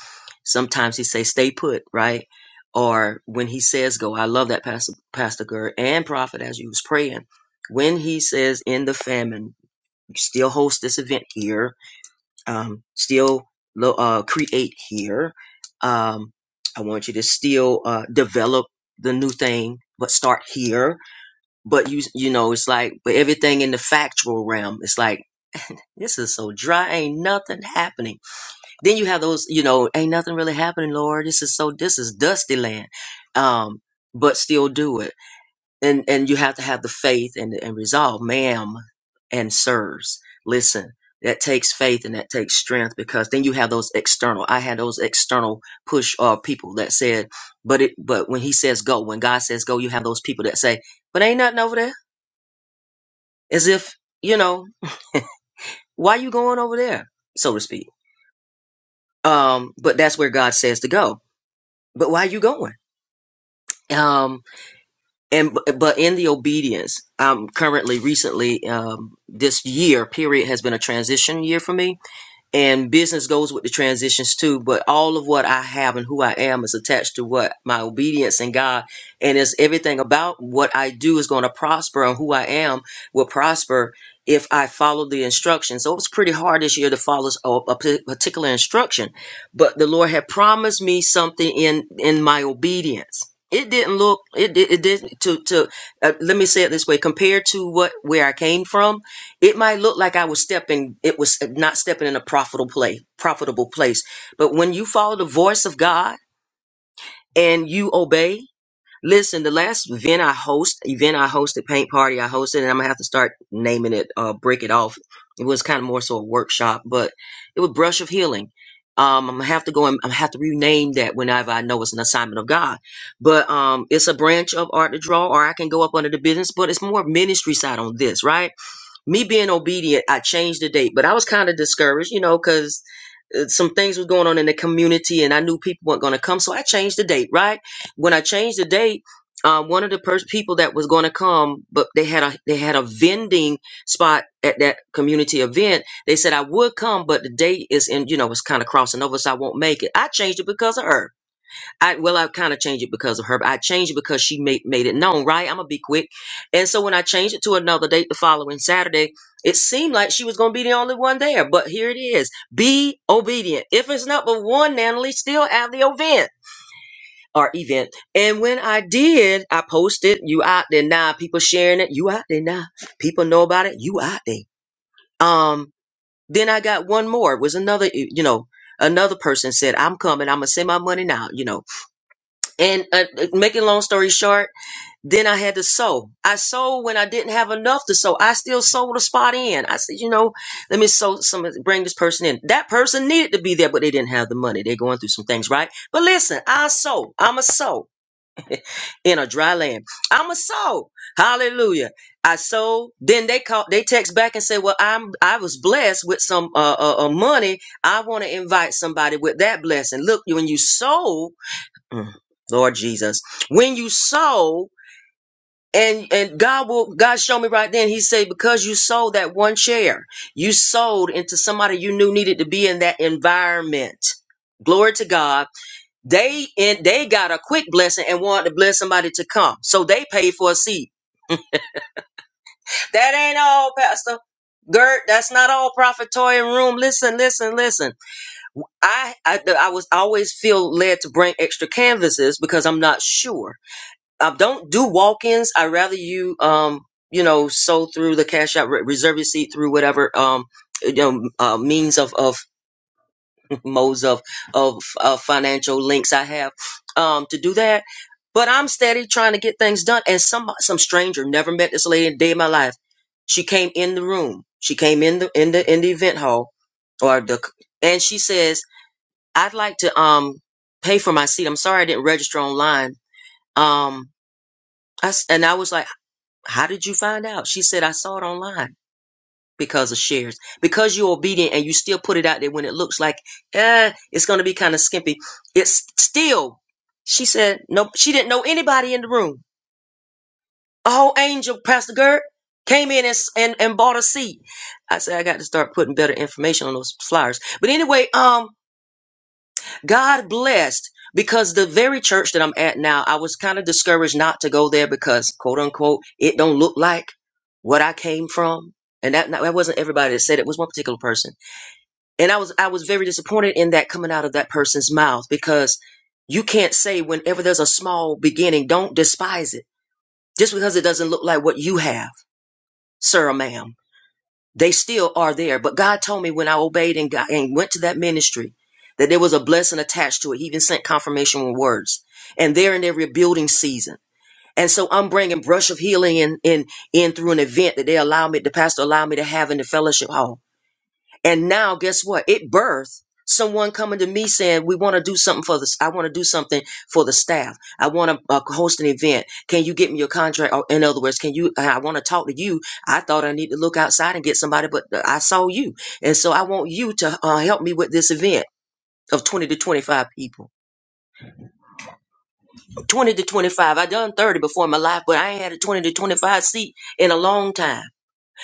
Speaker 3: Sometimes he says, stay put, right? Or when he says go, I love that Pastor Pastor Gerd and Prophet as you was praying. When he says in the famine, you still host this event here um, still uh, create here. Um, I want you to still uh, develop the new thing, but start here. But you, you know, it's like, but everything in the factual realm, it's like this is so dry, ain't nothing happening. Then you have those, you know, ain't nothing really happening, Lord. This is so, this is dusty land. Um, but still do it and and you have to have the faith and and resolve, ma'am and sirs. Listen, that takes faith and that takes strength because then you have those external. I had those external push uh people that said, but it but when he says go, when God says go, you have those people that say, but ain't nothing over there, as if you know why you going over there, so to speak. Um, but that's where God says to go. But why you going? Um, and but in the obedience i'm currently recently um this year period has been a transition year for me and business goes with the transitions too but all of what i have and who i am is attached to what my obedience in god and it's everything about what i do is going to prosper and who i am will prosper if i follow the instructions so it was pretty hard this year to follow a, a p- particular instruction but the lord had promised me something in in my obedience it didn't look it did it did not to to uh, let me say it this way compared to what where i came from it might look like I was stepping, it was not stepping in a profitable place. profitable place. But when you follow the voice of God and you obey, listen, the last event I host, event I hosted, paint party I hosted, and I'm gonna have to start naming it, uh, break it off. It was kind of more so a workshop, but it was brush of healing. Um, I'm gonna have to go and I'm gonna have to rename that whenever I know it's an assignment of God. But um, it's a branch of art to draw, or I can go up under the business, but it's more ministry side on this, right? me being obedient, I changed the date, but I was kind of discouraged, you know, because some things was going on in the community and I knew people weren't going to come. So I changed the date, right? When I changed the date, um, one of the pers- people that was going to come, but they had a they had a vending spot at that community event. They said I would come, but the date is in, you know, it's kind of crossing over, so I won't make it. I changed it because of her. I well, I kind of changed it because of her. But I changed it because she made made it known, right? I'm gonna be quick. And so when I changed it to another date the following Saturday, it seemed like she was gonna be the only one there. But here it is. Be obedient. If it's not but one, Natalie, still have the event or event. And when I did, I posted, you out there now, people sharing it, you out there now. People know about it, you out there. Um, then I got one more. It was another, you know, another person said, I'm coming, I'm gonna send my money now, you know. And uh, uh, making long story short, then I had to sew. I sewed when I didn't have enough to sew. I still sewed a spot in. I said, you know, let me sew some, bring this person in. That person needed to be there, but they didn't have the money. They're going through some things, right? But listen, I sew. I'm a sew [LAUGHS] in a dry land. I'm a soul. Hallelujah. I sold. Then they call. They text back and say, "Well, I'm. I was blessed with some uh, uh, uh money. I want to invite somebody with that blessing. Look, when you sow." Mm. Lord Jesus, when you sow, and and God will God showed me right then. He said because you sold that one share, you sold into somebody you knew needed to be in that environment. Glory to God. They and they got a quick blessing and wanted to bless somebody to come, so they paid for a seat. That ain't all, Pastor. Gert, that's not all prophetoy in room. Listen, listen, listen. I, I I was I always feel led to bring extra canvases because I'm not sure um, don't do walk-ins. I rather you, um, you know, sow through the cash out, re- reserve your seat through whatever, um, you know, uh, means of, of [LAUGHS] modes of, of, of financial links I have, um, to do that. But I'm steady trying to get things done. And some, some stranger never met this lady a day in my life. She came in the room. She came in the, in the, in the event hall or the, and she says, I'd like to, um, pay for my seat. I'm sorry I didn't register online. Um, I s and I was like, how did you find out? She said, I saw it online because of shares. Because you're obedient and you still put it out there when it looks like, eh, it's going to be kind of skimpy. It's still, she said, No, she didn't know anybody in the room. A whole angel, Pastor Gert, came in and, s- and, and bought a seat. I said, I got to start putting better information on those flyers. But anyway, um, God blessed because the very church that I'm at now, I was kind of discouraged not to go there because quote unquote, it don't look like what I came from. And that, that wasn't everybody that said it, it was one particular person. And I was I was very disappointed in that coming out of that person's mouth because you can't say whenever there's a small beginning, don't despise it. Just because it doesn't look like what you have, sir or ma'am. They still are there. But God told me when I obeyed and, got, and went to that ministry that there was a blessing attached to it. He even sent confirmation with words. And they're in their rebuilding season. And so I'm bringing brush of healing in, in, in through an event that they allow me, the pastor allowed me to have in the fellowship hall and now, guess what? It birthed someone coming to me saying, "We want to do something for this. I want to do something for the staff. I want to uh, host an event. Can you get me your contract? Or in other words, can you? I want to talk to you. I thought I need to look outside and get somebody, but uh, I saw you, and so I want you to uh, help me with this event." Of 20 to 25 people. 20 to 25. I done 30 before in my life, but I ain't had a 20 to 25 seat in a long time.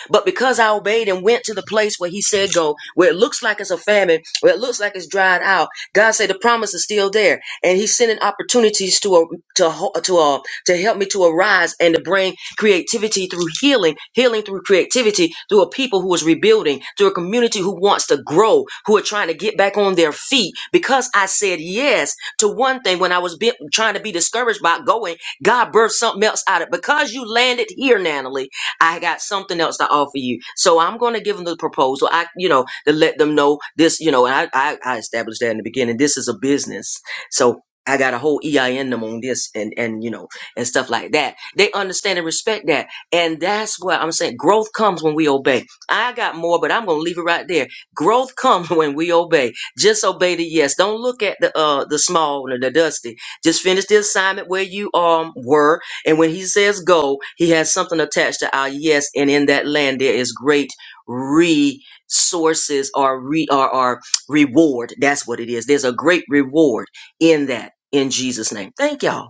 Speaker 3: But because I obeyed and went to the place where he said go, where it looks like it's a famine, where it looks like it's dried out, God said the promise is still there, and He's sending opportunities to uh, to ho- to uh, to help me to arise and to bring creativity through healing, healing through creativity through a people who is rebuilding, through a community who wants to grow, who are trying to get back on their feet. Because I said yes to one thing when I was be- trying to be discouraged about going, God birthed something else out of it. Because you landed here, Natalie. I got something else to offer you. So I'm going to give them the proposal. I, you know, to let them know this, you know, and I, I, I established that in the beginning. This is a business. So I got a whole EIN number on this and, and, you know, and stuff like that. They understand and respect that. And that's what I'm saying. Growth comes when we obey. I got more, but I'm going to leave it right there. Growth comes [LAUGHS] when we obey. Just obey the yes. Don't look at the, uh, the small and the dusty. Just finish the assignment where you, um, were and when he says go, he has something attached to our yes. And in that land, there is great resources or re or, or reward. That's what it is. There's a great reward in that in Jesus' name. Thank y'all.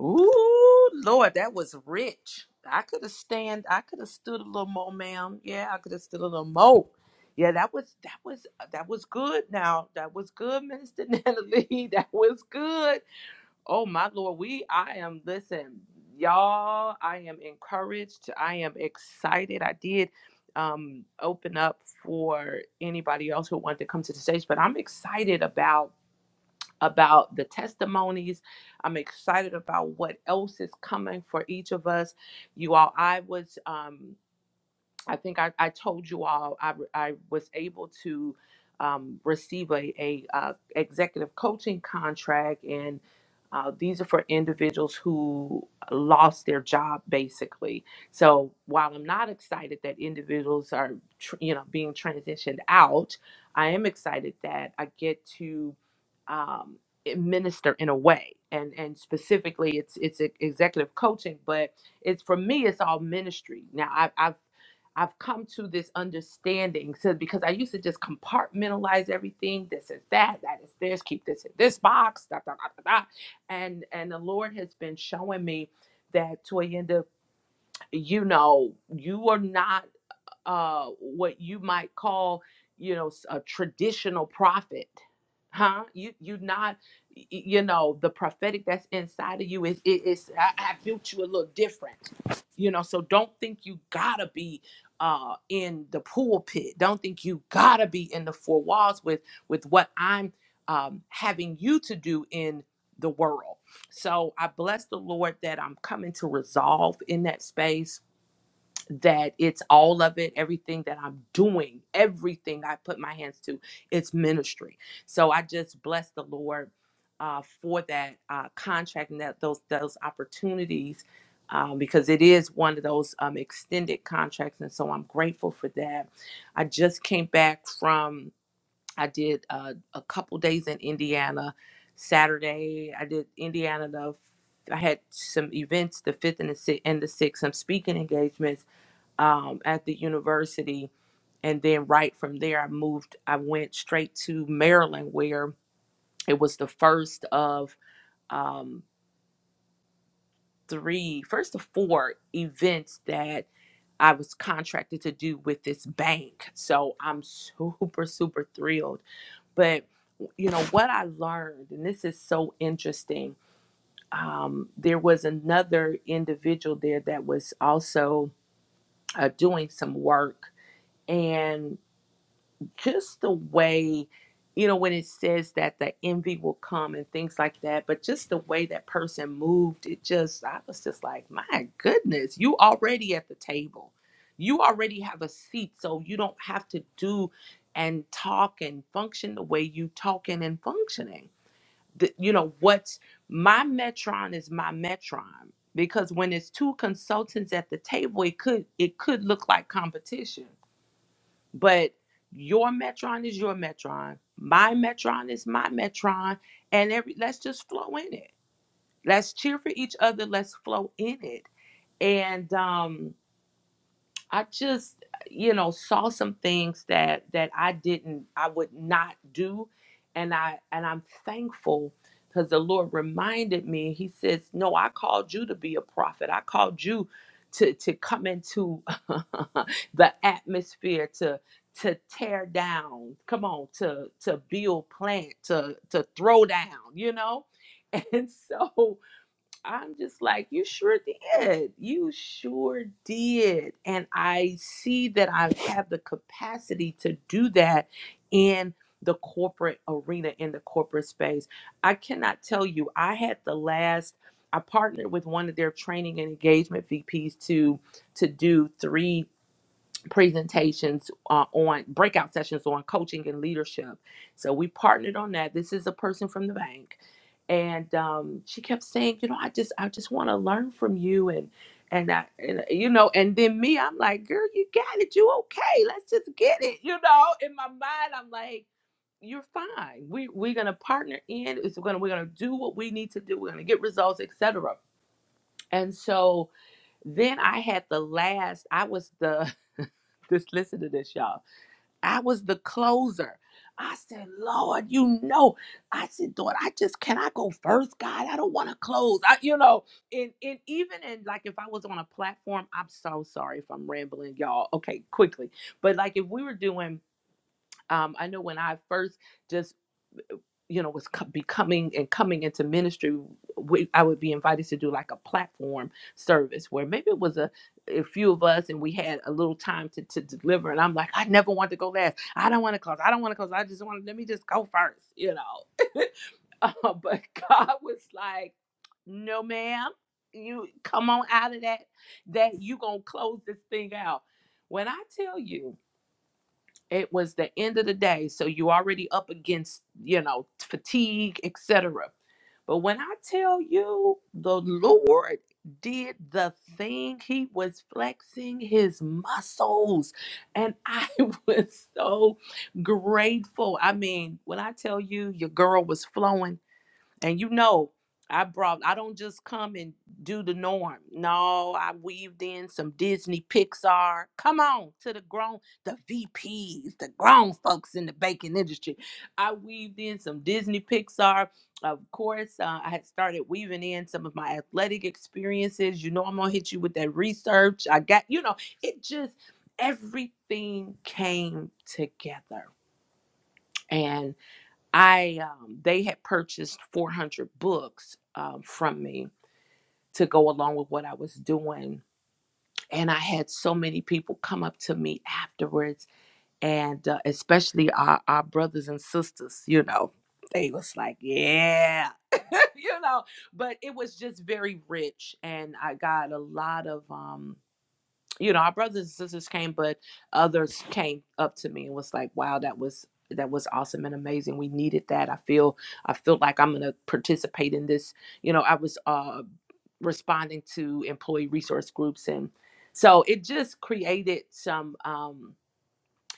Speaker 1: Ooh, Lord, that was rich. I could have stand. I could have stood a little more, ma'am. Yeah, I could have stood a little more. Yeah, that was that was that was good. Now that was good, Minister [LAUGHS] Natalie. That was good. Oh my Lord, we. I am. Listen, y'all. I am encouraged. I am excited. I did um open up for anybody else who wanted to come to the stage, but I'm excited about about the testimonies. I'm excited about what else is coming for each of us. You all, I was. Um, I think I, I told you all I, I was able to um, receive a, a uh, executive coaching contract, and uh, these are for individuals who lost their job basically. So while I'm not excited that individuals are tr- you know being transitioned out, I am excited that I get to um, minister in a way, and and specifically it's it's e- executive coaching, but it's for me it's all ministry now I, i've I've come to this understanding. So because I used to just compartmentalize everything, this is that, that is this, keep this in this box, da, da, da, da, da. and and the Lord has been showing me that Toyenda, you know, you are not uh, what you might call, you know, a traditional prophet, huh? You you not, you know, the prophetic that's inside of you is it is I, I built you a little different, you know. So don't think you gotta be uh in the pulpit. Don't think you gotta be in the four walls with with what I'm um having you to do in the world. So I bless the Lord that I'm coming to resolve in that space that it's all of it, everything that I'm doing, everything I put my hands to, it's ministry. So I just bless the Lord uh, for that uh, contract and that those those opportunities um, because it is one of those um, extended contracts, and so I'm grateful for that. I just came back from I did uh, a couple days in Indiana Saturday. I did Indiana the I had some events the fifth and the sixth and the sixth, some speaking engagements um, at the university. And then right from there, I moved, I went straight to Maryland, where it was the first of um, three, first of four events that I was contracted to do with this bank. So I'm [LAUGHS] super, super thrilled. But, you know, what I learned, and this is so interesting, um, there was another individual there that was also uh, doing some work. and. just the way you know when it says that the envy will come and things like that but just the way that person moved it just i was just like my goodness you already at the table you already have a seat so you don't have to do and talk and function the way you talking and functioning the, you know what's my metron is my metron because when it's two consultants at the table it could it could look like competition but your metron is your metron. My metron is my metron. And every let's just flow in it. Let's cheer for each other. Let's flow in it. And um I just, you know, saw some things that that I didn't, I would not do, and I and I'm thankful because the Lord reminded me. He says, "No, I called you to be a prophet. I called you to to come into [LAUGHS] the atmosphere to." to tear down come on to to build plant to to throw down you know [LAUGHS] and so I'm just like, you sure did. You sure did. And I see that I have the capacity to do that in the corporate arena, in the corporate space. I cannot tell you, I had the last, I partnered with one of their training and engagement VPs to to do three presentations uh, on breakout sessions on coaching and leadership. So we partnered on that. This is a person from the bank, and um, she kept saying, you know, I just I just want to learn from you and. And I, and, you know, and then me, I'm like, girl, you got it. You okay? Let's just get it. You know, in my mind, I'm like, you're fine. We we're gonna partner in. It's gonna we're gonna do what we need to do. We're gonna get results, etc. And so then I had the last. I was the just listen to this, y'all. I was the closer. I said, Lord, you know. I said, Lord, I just can I go first, God? I don't want to close. I, you know, and and even in like if I was on a platform, I'm so sorry if I'm rambling, y'all. Okay, quickly. But like if we were doing um, I know when I first just you know was co- becoming and coming into ministry we, i would be invited to do like a platform service where maybe it was a, a few of us and we had a little time to, to deliver and i'm like i never want to go last i don't want to close i don't want to close i just want to let me just go first you know [LAUGHS] but god was like no ma'am you come on out of that that you gonna close this thing out when i tell you it was the end of the day, so you already up against, you know, fatigue, etc. But when I tell you the Lord did the thing, he was flexing his muscles. And I [LAUGHS] was so grateful. I mean, when I tell you your girl was flowing and you know, I brought I don't just come and do the norm. No, I weaved in some Disney Pixar. Come on to the grown the VPs, the grown folks in the baking industry. I weaved in some Disney Pixar. Of course, uh, I had started weaving in some of my athletic experiences. You know, I'm gonna hit you with that research. I got, you know, it just everything came together. and. I um, they had purchased 400 books um, from me to go along with what I was doing, and I had so many people come up to me afterwards, and uh, especially our, our brothers and sisters, you know, they was like, yeah, [LAUGHS] you know, but it was just very rich, and I got a lot of um you know, our brothers and sisters came, but others came up to me and was like, "Wow, that was that was awesome and amazing. We needed that. I feel I feel like I'm gonna participate in this." You know, I was uh, responding to employee resource groups, and so it just created some. Um,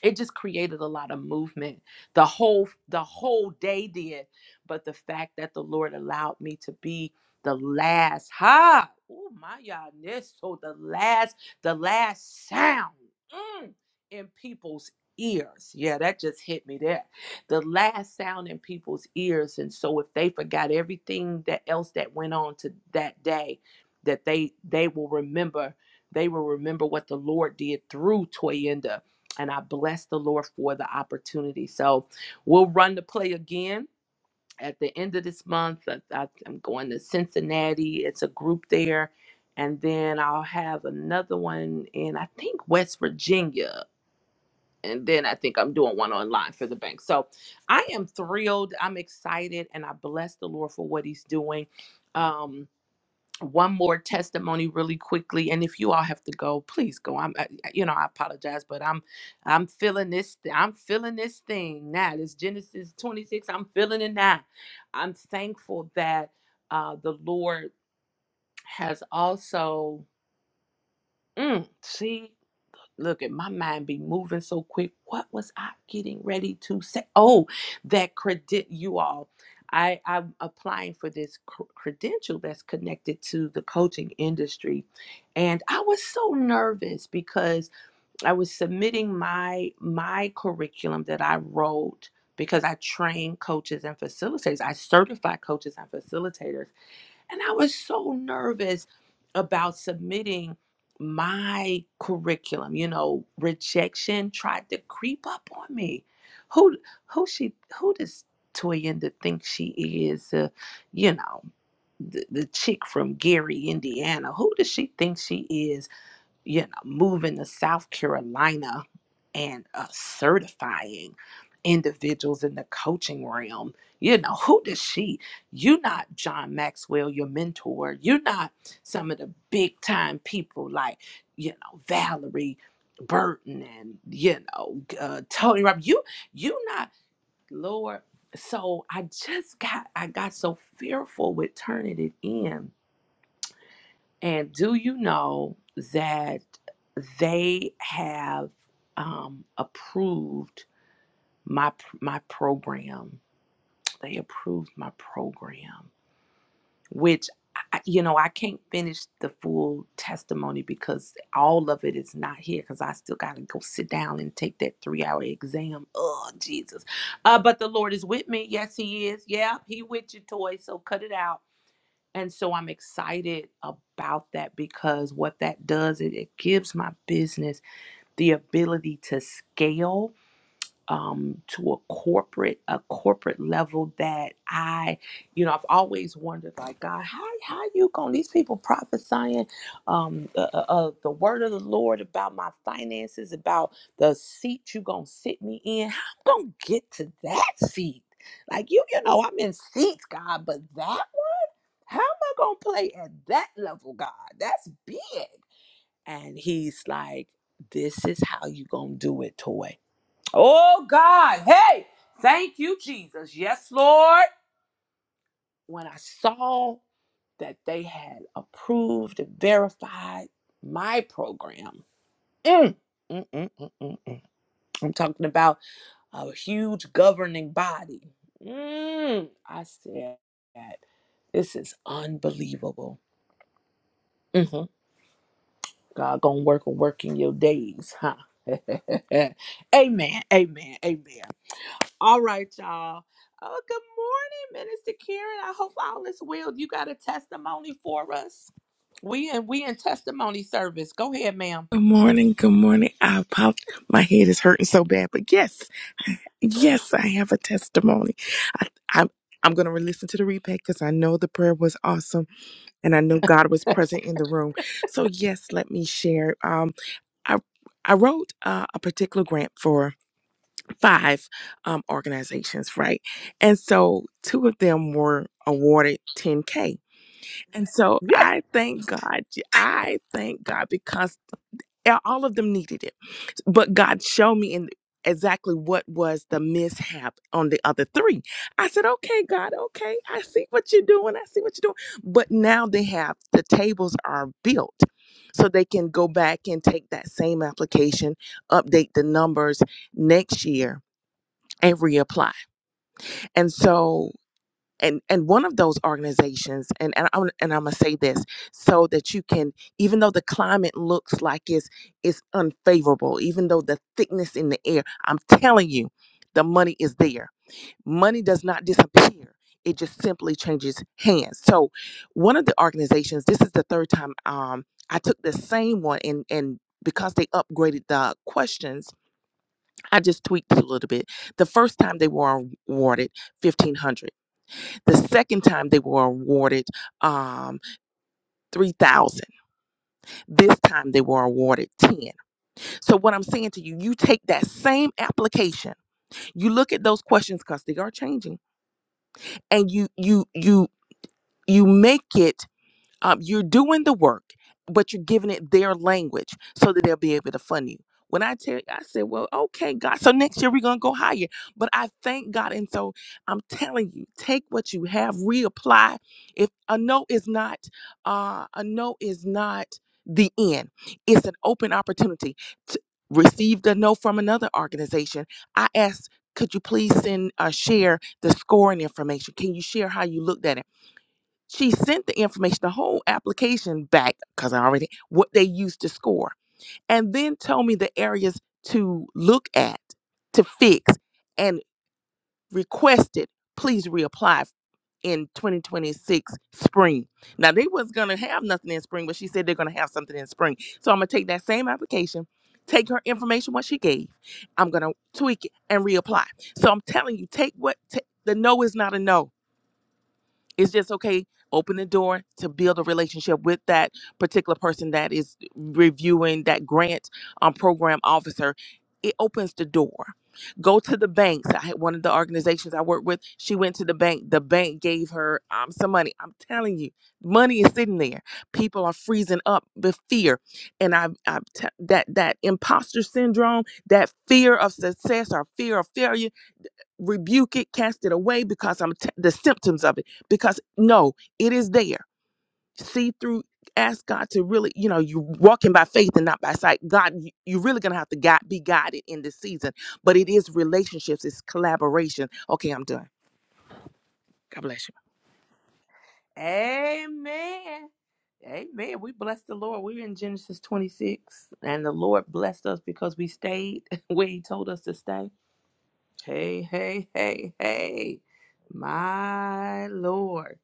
Speaker 1: it just created a lot of movement the whole the whole day did but the fact that the lord allowed me to be the last ha oh my goodness so the last the last sound mm, in people's ears yeah that just hit me there the last sound in people's ears and so if they forgot everything that else that went on to that day that they they will remember they will remember what the lord did through toyenda and I bless the Lord for the opportunity. So we'll run the play again at the end of this month. I, I, I'm going to Cincinnati. It's a group there. And then I'll have another one in, I think, West Virginia. And then I think I'm doing one online for the bank. So I am thrilled. I'm excited. And I bless the Lord for what he's doing. Um, one more testimony really quickly and if you all have to go please go i'm I, I- you know i apologize but i'm i'm feeling this i'm feeling this thing now this genesis 26 i'm feeling it now i'm thankful that uh the lord has also mm, see look at my mind be moving so quick what was i getting ready to say oh that credit you all i i'm applying for this cr- credential that's connected to the coaching industry and i was so nervous because i was submitting my my curriculum that i wrote because i train coaches and facilitators i certify coaches and facilitators and I was so nervous about submitting my curriculum. You know, rejection tried to creep up on me. Who who she who does Toyinda think she is? Uh, you know, the, the chick from Gary, Indiana. Who does she think she is? you know, moving to South Carolina and uh, certifying individuals in the coaching realm. You know, who does she? You're not John Maxwell, your mentor. You're not some of the big time people like, you know, Valerie Burton and, you know, uh, Tony Robbins. You, you not, Lord. So I just got, I got so fearful with turning it in and do you know that they have um, approved my my program? They approved my program, which I, you know I can't finish the full testimony because all of it is not here because I still got to go sit down and take that three hour exam. Oh Jesus! Uh, but the Lord is with me. Yes, He is. Yeah, He with you, toy. So cut it out. And so I'm excited about that because what that does, it, it gives my business the ability to scale um, to a corporate, a corporate level that I, you know, I've always wondered, like, God, how how you going? These people prophesying um, uh, uh, uh, the word of the Lord about my finances, about the seat you gonna sit me in. How I'm gonna get to that seat? Like you, you know, I'm in seats, God, but that how am I going to play at that level, God? That's big. And he's like, This is how you going to do it, Toy. Oh, God. Hey, thank you, Jesus. Yes, Lord. When I saw that they had approved and verified my program, mm, mm, mm, mm, mm, mm. I'm talking about a huge governing body. Mm, I said, that This is unbelievable. Mhm. God gonna work a work in your days, huh? [LAUGHS] amen, amen, amen. All right, y'all. Oh, good morning, Minister Karen. I hope all is well. You got a testimony for us? We and we in testimony service. Go ahead, ma'am. [LAUGHS]
Speaker 4: Good morning. Good morning. I popped. My head is hurting so bad, but yes, yes, I have a testimony. I, I'm I'm gonna listen to the replay because I know the prayer was awesome, and I know God was present in the room. So yes, let me share. Um, I I wrote uh, a particular grant for five um organizations, right? And so two of them were awarded 10k. And so I thank God.
Speaker 1: Yeah.
Speaker 4: I thank God because a- all of them needed it but god showed me in exactly what was the mishap on the other three i said okay god okay i see what you're doing i see what you're doing but now they have the tables are built so they can go back and take that same application update the numbers next year and reapply and so and and one of those organizations and and I'm, and I'm gonna say this so that you can even though the climate looks like it's it's unfavorable even though the thickness in the air i'm telling you the money is there money does not disappear it just simply changes hands so one of the organizations this is the third time um i took the same one and and because they upgraded the questions i just tweaked a little bit the first time they were awarded 1500 the second time they were awarded um, 3,000. This time they were awarded 10. So what I'm saying to you, you take that same application, you look at those questions because they are changing, and you you you you make it Um, you're doing the work, but you're giving it their language so that they'll be able to fund you. When I tell you, I said, well, okay, God. So next year we're gonna go higher. But I thank God. And so I'm telling you, take what you have, reapply. If a no is not uh a no is not the end. It's an open opportunity. To receive a no from another organization. I asked, could you please send uh, share the scoring information? Can you share how you looked at it? She sent the information, the whole application back, because I already what they used to score, and then told me the areas to look at, to fix, and requested, please reapply in 2026 spring. Now they was gonna have nothing in spring, but she said they're gonna have something in spring. So I'm gonna take that same application, take her information what she gave, I'm gonna tweak it and reapply. So I'm telling you, take what ta- the no is not a no it's just okay open the door to build a relationship with that particular person that is reviewing that grant um, program officer it opens the door go to the banks i had one of the organizations i work with she went to the bank the bank gave her um, some money i'm telling you money is sitting there people are freezing up the fear and i, I that that imposter syndrome that fear of success or fear of failure rebuke it, cast it away because I'm t- the symptoms of it. Because no, it is there. See through. Ask God to really, you know, you walking by faith and not by sight. God, you, you're really gonna have to guide, be guided in this season. But it is relationships, it's collaboration. Okay, I'm done. God bless you.
Speaker 1: Amen. Amen. We bless the Lord. We're in Genesis 26, and the Lord blessed us because we stayed [LAUGHS] where He told us to stay. Hey, hey, hey, hey. My Lord.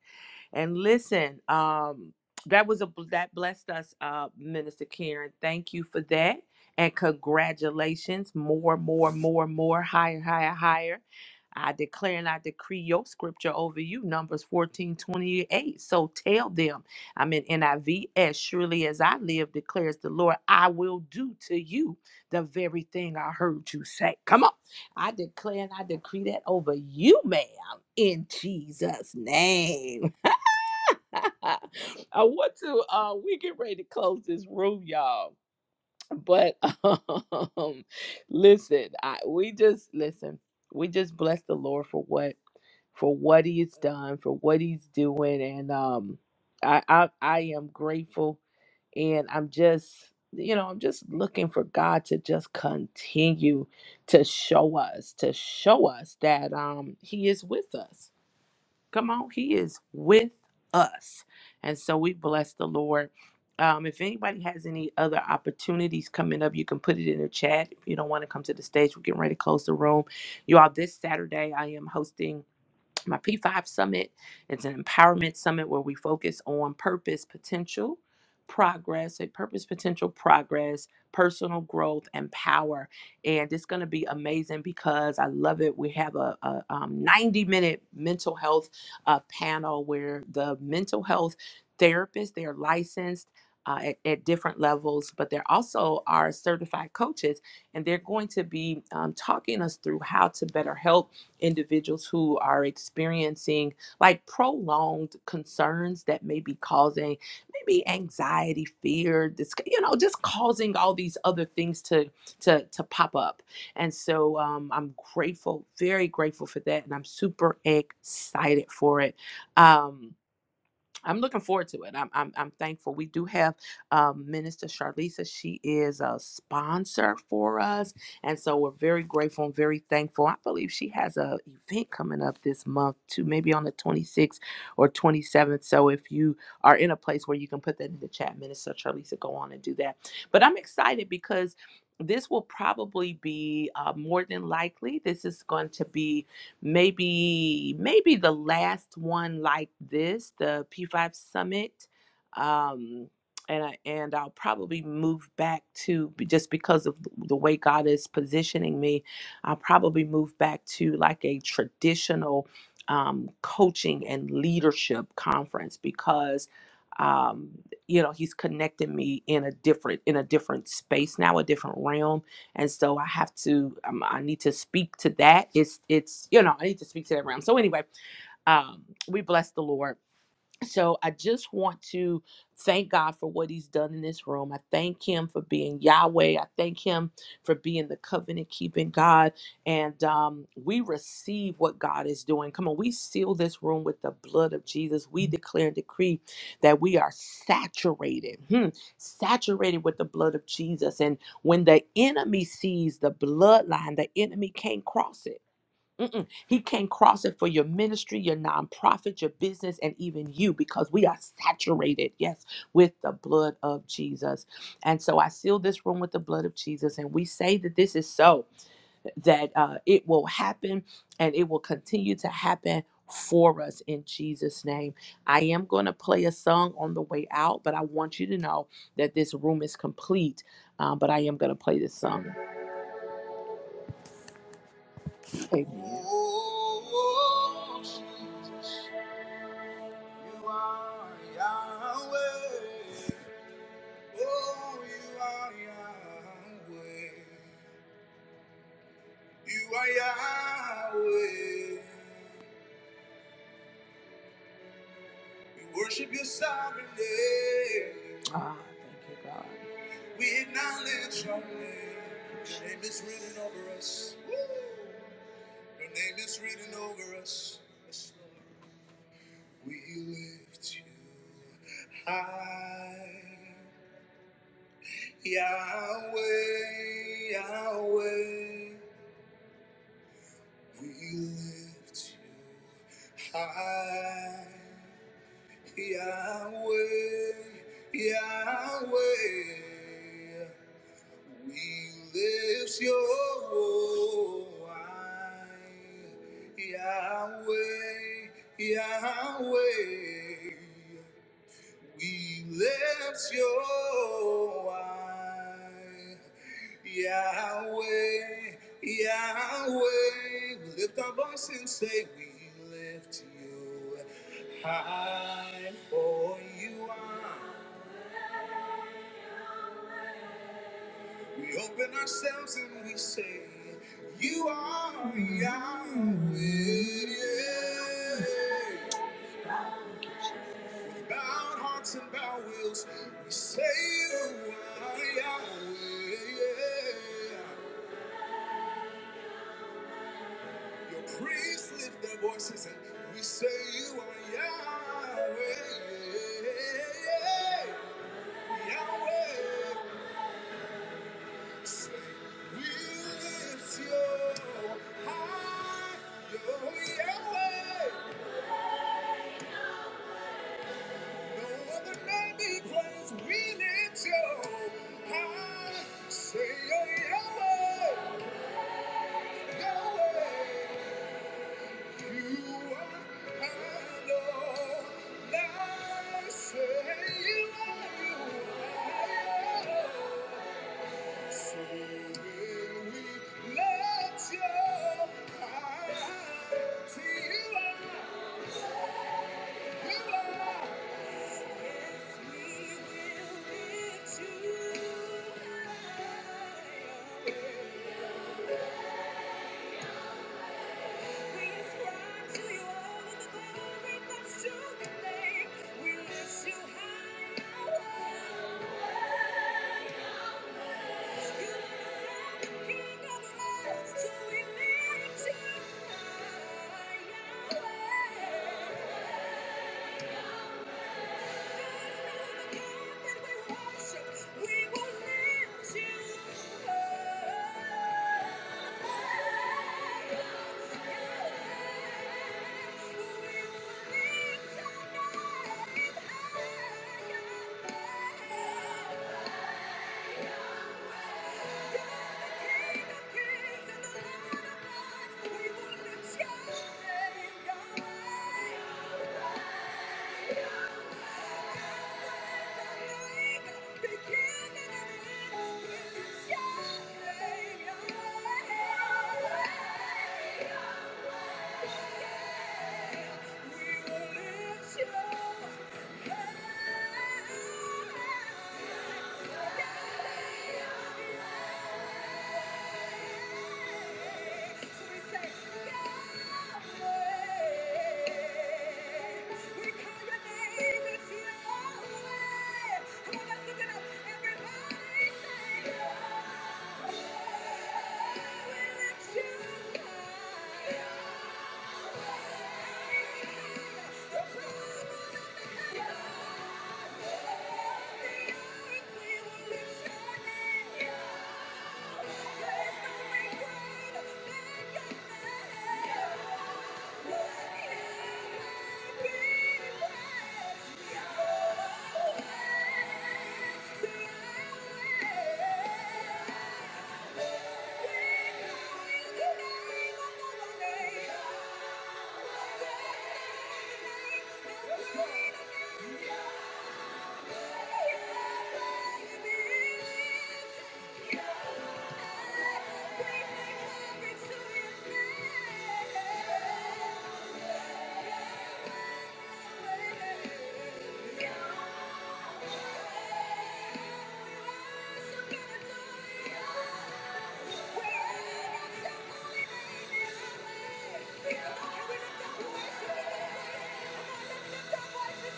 Speaker 1: And listen, um, that was a that blessed us, uh, Minister Karen. Thank you for that, and congratulations. More, more, more, more, higher, higher, higher. I declare and I decree your scripture over you, Numbers 14 28. So tell them, I'm in NIV, as surely as I live, declares the Lord, I will do to you the very thing I heard you say. Come on. I declare and I decree that over you, ma'am, in Jesus' name. [LAUGHS] [LAUGHS] I want to. Uh, we get ready to close this room, y'all. But [LAUGHS] um, listen, I we just listen. We just bless the Lord for what for what He has done, for what He's doing, and um, I I, I am grateful, and I'm just you know I'm just looking for God to just continue to show us to show us that um He is with us Come on, He is with us. And so we bless the Lord. Um, if anybody has any other opportunities coming up, you can put it in the chat. If you don't want to come to the stage, we're getting ready to close the room. You all, this Saturday, I am hosting my P5 Summit. It's an empowerment summit where we focus on purpose, potential, progress, a purpose, potential, progress, personal growth, and power. And it's going to be amazing because I love it. We have a, a um, 90 minute mental health uh, panel where the mental health therapists, they're licensed. Uh, at, at different levels, but they're also our certified coaches, and they're going to be um, talking us through how to better help individuals who are experiencing like prolonged concerns that may be causing maybe anxiety, fear, this you know, just causing all these other things to to to pop up. And so um, I'm grateful, very grateful for that, and I'm super excited for it. Um, I'm looking forward to it. I'm I'm, I'm thankful. We do have um, Minister Charlisa. She is a sponsor for us, and so we're very grateful and very thankful. I believe she has a event coming up this month too, maybe on the 26th or 27th. So if you are in a place where you can put that in the chat, Minister Charlisa, go on and do that. But I'm excited because. This will probably be uh, more than likely. This is going to be maybe maybe the last one like this, the P5 Summit. Um, and I, and I'll probably move back to just because of the way God is positioning me. I'll probably move back to like a traditional um, coaching and leadership conference because um, you know He's connecting me in a different in a different space now, a different realm and so I have to um, I need to speak to that. It's it's you know I need to speak to that realm. So anyway, um, we bless the Lord so I just want to thank God for what he's done in this room. I thank him for being Yahweh. I thank him for being the covenant keeping God. And um, we receive what God is doing. Come on, we seal this room with the blood of Jesus. We declare and decree that we are saturated, hmm, saturated with the blood of Jesus. And when the enemy sees the bloodline, the enemy can't cross it. Mm-mm. He can't cross it for your ministry, your nonprofit, your business, and even you because we are saturated, yes, with the blood of Jesus. And so I seal this room with the blood of Jesus, and we say that this is so, that uh, it will happen and it will continue to happen for us in Jesus' name. I am going to play a song on the way out, but I want you to know that this room is complete. Um, but I am going to play this song. Amen. You are Yahweh. Oh, you are Yahweh. You are Yahweh. We worship your sovereign name. Ah, thank you, God. We acknowledge your name. Your name is written over us. Your name is written over us. We lift you high. Yahweh, Yahweh. We lift you high, Yahweh, Yahweh. We lift your high, Yahweh, Yahweh. We lift your eye, Yahweh, Yahweh. We lift our voice and say, We lift you high, for you are. We open ourselves and we say, You are Yahweh. Bowed hearts and bowed wills, we say you are Yahweh. Your priests lift their voices and we say you are Yahweh. Yahweh, say we lift your high, your Yahweh. No other name be praised, we lift your high, say your Yahweh. Thank you. We ascribe to you all the glory that's We lift you high, O Lord. You are the King of all, so we lift you high, Yahweh. There's no other God that we worship. We will lift you high. We will lift your name, Yahweh. Yeah. gonna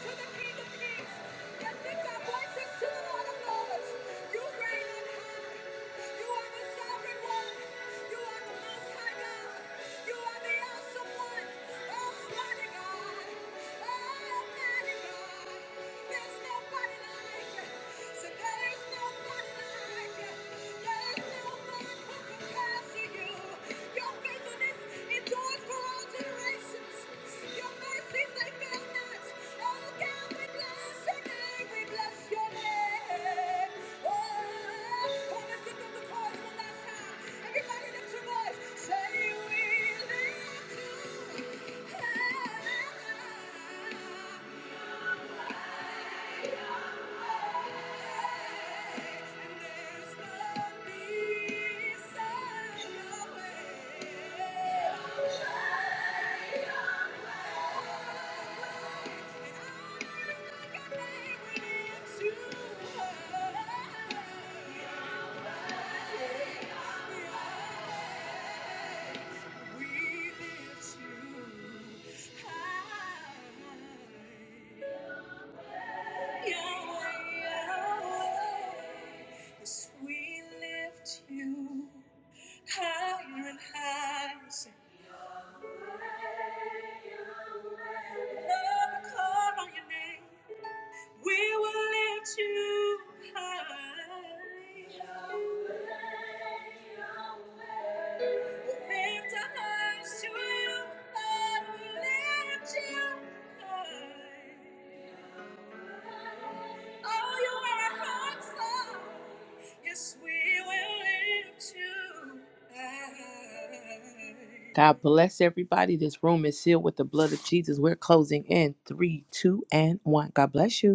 Speaker 1: Thank you let lift our voices to the Lord of Lords. You reign on high. You are the sovereign one. You are the most high God. You are the awesome one. Almighty God. Almighty God. There's nobody like you. So there is nobody like you. There is no who compares to you. Your faithfulness endures for all generations. Your mercies, they fail not. Oh God, we bless your name. We bless your name. Oh, oh let's lift up the chorus one last time. Everybody lift your voice. Say we live to high. And there's no peace on your way. We lift you higher and higher. Say, Lord, call on your name. We will lift you high. Oh, Yes, God bless everybody. This room is sealed with the blood of Jesus. We're closing in three, two, and one. God bless you.